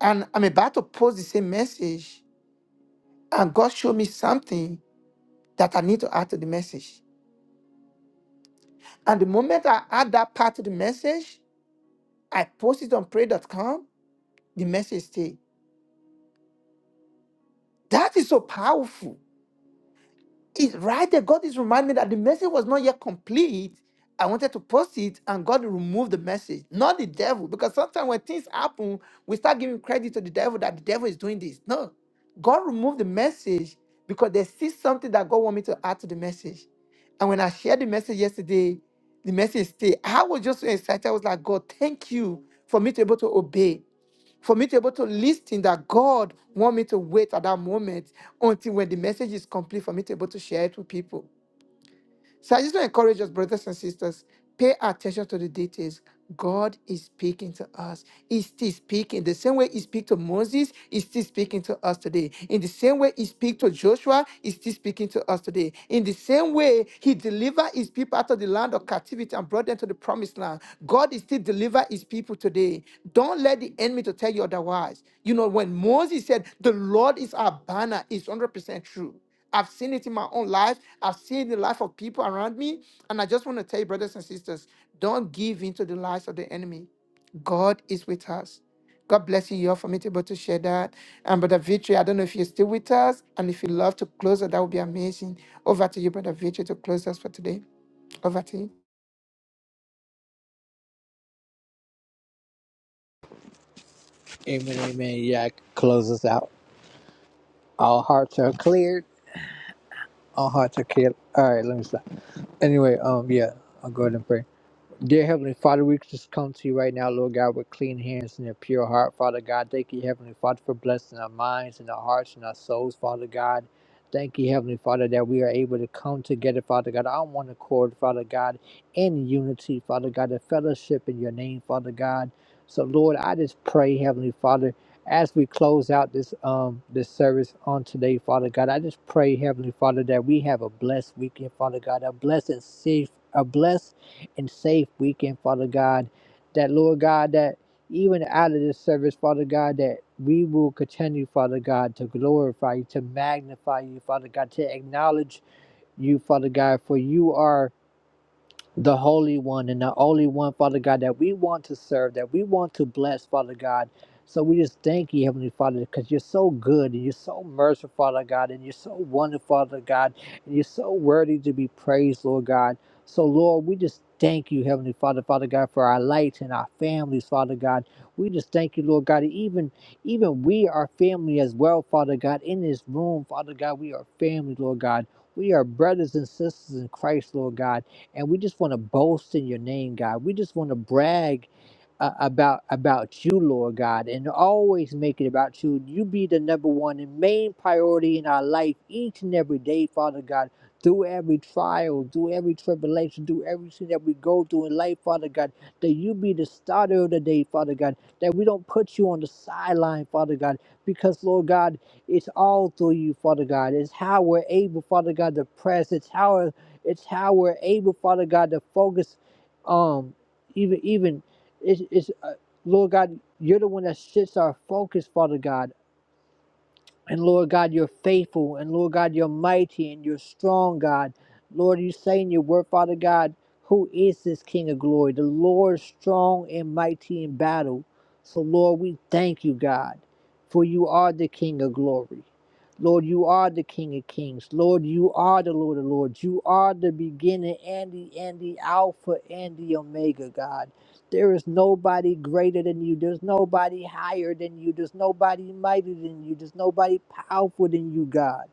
B: And I'm about to post the same message. And God showed me something that I need to add to the message. And the moment I add that part to the message, I post it on pray dot com. The message stay. That is so powerful. It's right there. God is reminding me that the message was not yet complete. I wanted to post it and God removed the message, not the devil. Because sometimes when things happen, we start giving credit to the devil that the devil is doing this. No, God removed the message because they see something that God want me to add to the message. And when I shared the message yesterday, the message stayed. I was just so excited. I was like, God, thank you for me to be able to obey. for me to be able to listen that God want me to wait at that moment until when the message is complete for me to be able to share it with people. So I just want to encourage us, brothers and sisters, pay attention to the details. God is speaking to us. He's still speaking. The same way he speak to Moses, he's still speaking to us today. In the same way he speak to Joshua, he's still speaking to us today. In the same way he delivered his people out of the land of captivity and brought them to the promised land. God is still deliver his people today. Don't let the enemy to tell you otherwise. You know, when Moses said, the Lord is our banner, it's 100% true. I've seen it in my own life. I've seen the life of people around me. And I just want to tell you, brothers and sisters, don't give in to the lies of the enemy. God is with us. God bless you. You're for me to be able to share that. And Brother Victory, I don't know if you're still with us. And if you love to close it, that would be amazing. Over to you, Brother Victory, to close us for today. Over to you.
C: Amen. Amen. Yeah, I can close this out. All hearts are cleared. All hearts are cleared. All right, let me stop. Anyway, um, yeah, I'll go ahead and pray. Dear Heavenly Father, we just come to you right now, Lord God, with clean hands and a pure heart, Father God. Thank you, Heavenly Father, for blessing our minds and our hearts and our souls, Father God. Thank you, Heavenly Father, that we are able to come together, Father God, on one accord, Father God, in unity, Father God, a fellowship in your name, Father God. So, Lord, I just pray, Heavenly Father, as we close out this um this service on today, Father God, I just pray, Heavenly Father, that we have a blessed weekend, Father God, a blessed safe, a blessed and safe weekend, Father God. That, Lord God, that even out of this service, Father God, that we will continue, Father God, to glorify you, to magnify you, Father God, to acknowledge you, Father God, for you are the Holy One and the only One, Father God, that we want to serve, that we want to bless, Father God. So we just thank you, Heavenly Father, because you're so good and you're so merciful, Father God, and you're so wonderful, Father God, and you're so worthy to be praised, Lord God. So, Lord, we just thank you, Heavenly Father, Father God, for our lights and our families, Father God. We just thank you, Lord God. Even, even we are family as well, Father God. In this room, Father God, we are family, Lord God. We are brothers and sisters in Christ, Lord God and we just want to boast in your name, God. We just want to brag uh, about about you, Lord God, and always make it about you. You be the number one and main priority in our life each and every day, Father God. Through every trial, through every tribulation, through everything that we go through in life, Father God, that you be the starter of the day, Father God, that we don't put you on the sideline, Father God, because, Lord God, it's all through you, Father God. It's how we're able, Father God, to press. It's how it's how we're able, Father God, to focus. Um, even even it's, it's uh, Lord God, you're the one that shifts our focus, Father God. And Lord God, you're faithful. And Lord God, you're mighty and you're strong, God. Lord, you say in your word, Father God, who is this King of glory? The Lord strong and mighty in battle. So, Lord, we thank you, God, for you are the King of glory. Lord, you are the King of kings. Lord, you are the Lord of lords. You are the beginning and the end, the Alpha and the Omega, God. There is nobody greater than you. There's nobody higher than you. There's nobody mightier than you. There's nobody powerful than you, God.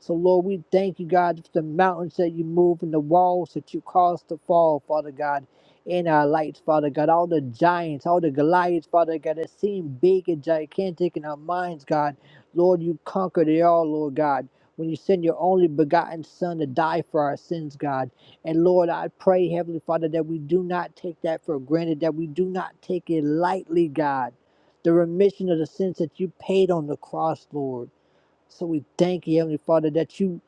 C: So, Lord, we thank you, God, for the mountains that you move and the walls that you cause to fall, Father God, in our lights, Father God. All the giants, all the Goliaths, Father God, that seem big and gigantic in our minds, God. Lord, you conquered it all, Lord God. When you send your only begotten Son to die for our sins, God. And Lord, I pray, Heavenly Father, that we do not take that for granted, that we do not take it lightly, God. The remission of the sins that you paid on the cross, Lord. So we thank you, Heavenly Father, that you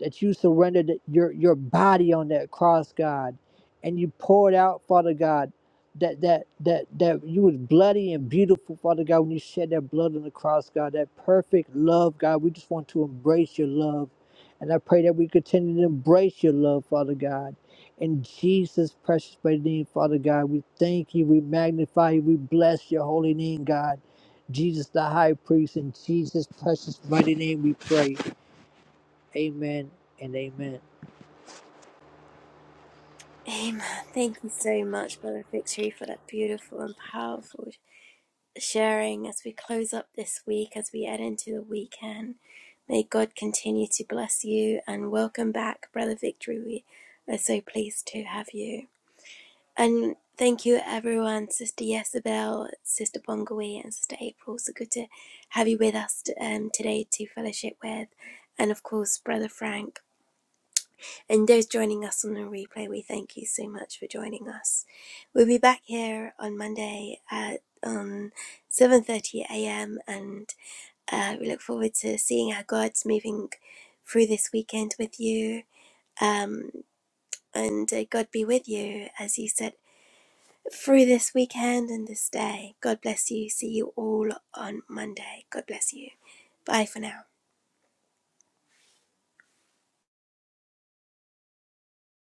C: that you surrendered your your body on that cross, God, and you poured out, Father God, that that that that you was bloody and beautiful, Father God, when you shed that blood on the cross, God, that perfect love, God. We just want to embrace your love. And I pray that we continue to embrace your love, Father God. In Jesus' precious mighty name, Father God, we thank you, we magnify you, we bless your holy name, God. Jesus the high priest, in Jesus' precious mighty name we pray. Amen and amen.
A: Amen. Thank you so much, Brother Victory, for that beautiful and powerful sharing as we close up this week, as we head into the weekend. May God continue to bless you and welcome back, Brother Victory. We are so pleased to have you. And thank you, everyone, Sister Yesabel, Sister Bongawi, and Sister April. So good to have you with us um, today to fellowship with. And of course, Brother Frank. And those joining us on the replay, we thank you so much for joining us. We'll be back here on Monday at um, 7.30 a.m. And uh, we look forward to seeing how God's moving through this weekend with you. Um, and uh, God be with you, as you said, through this weekend and this day. God bless you. See you all on Monday. God bless you. Bye for now.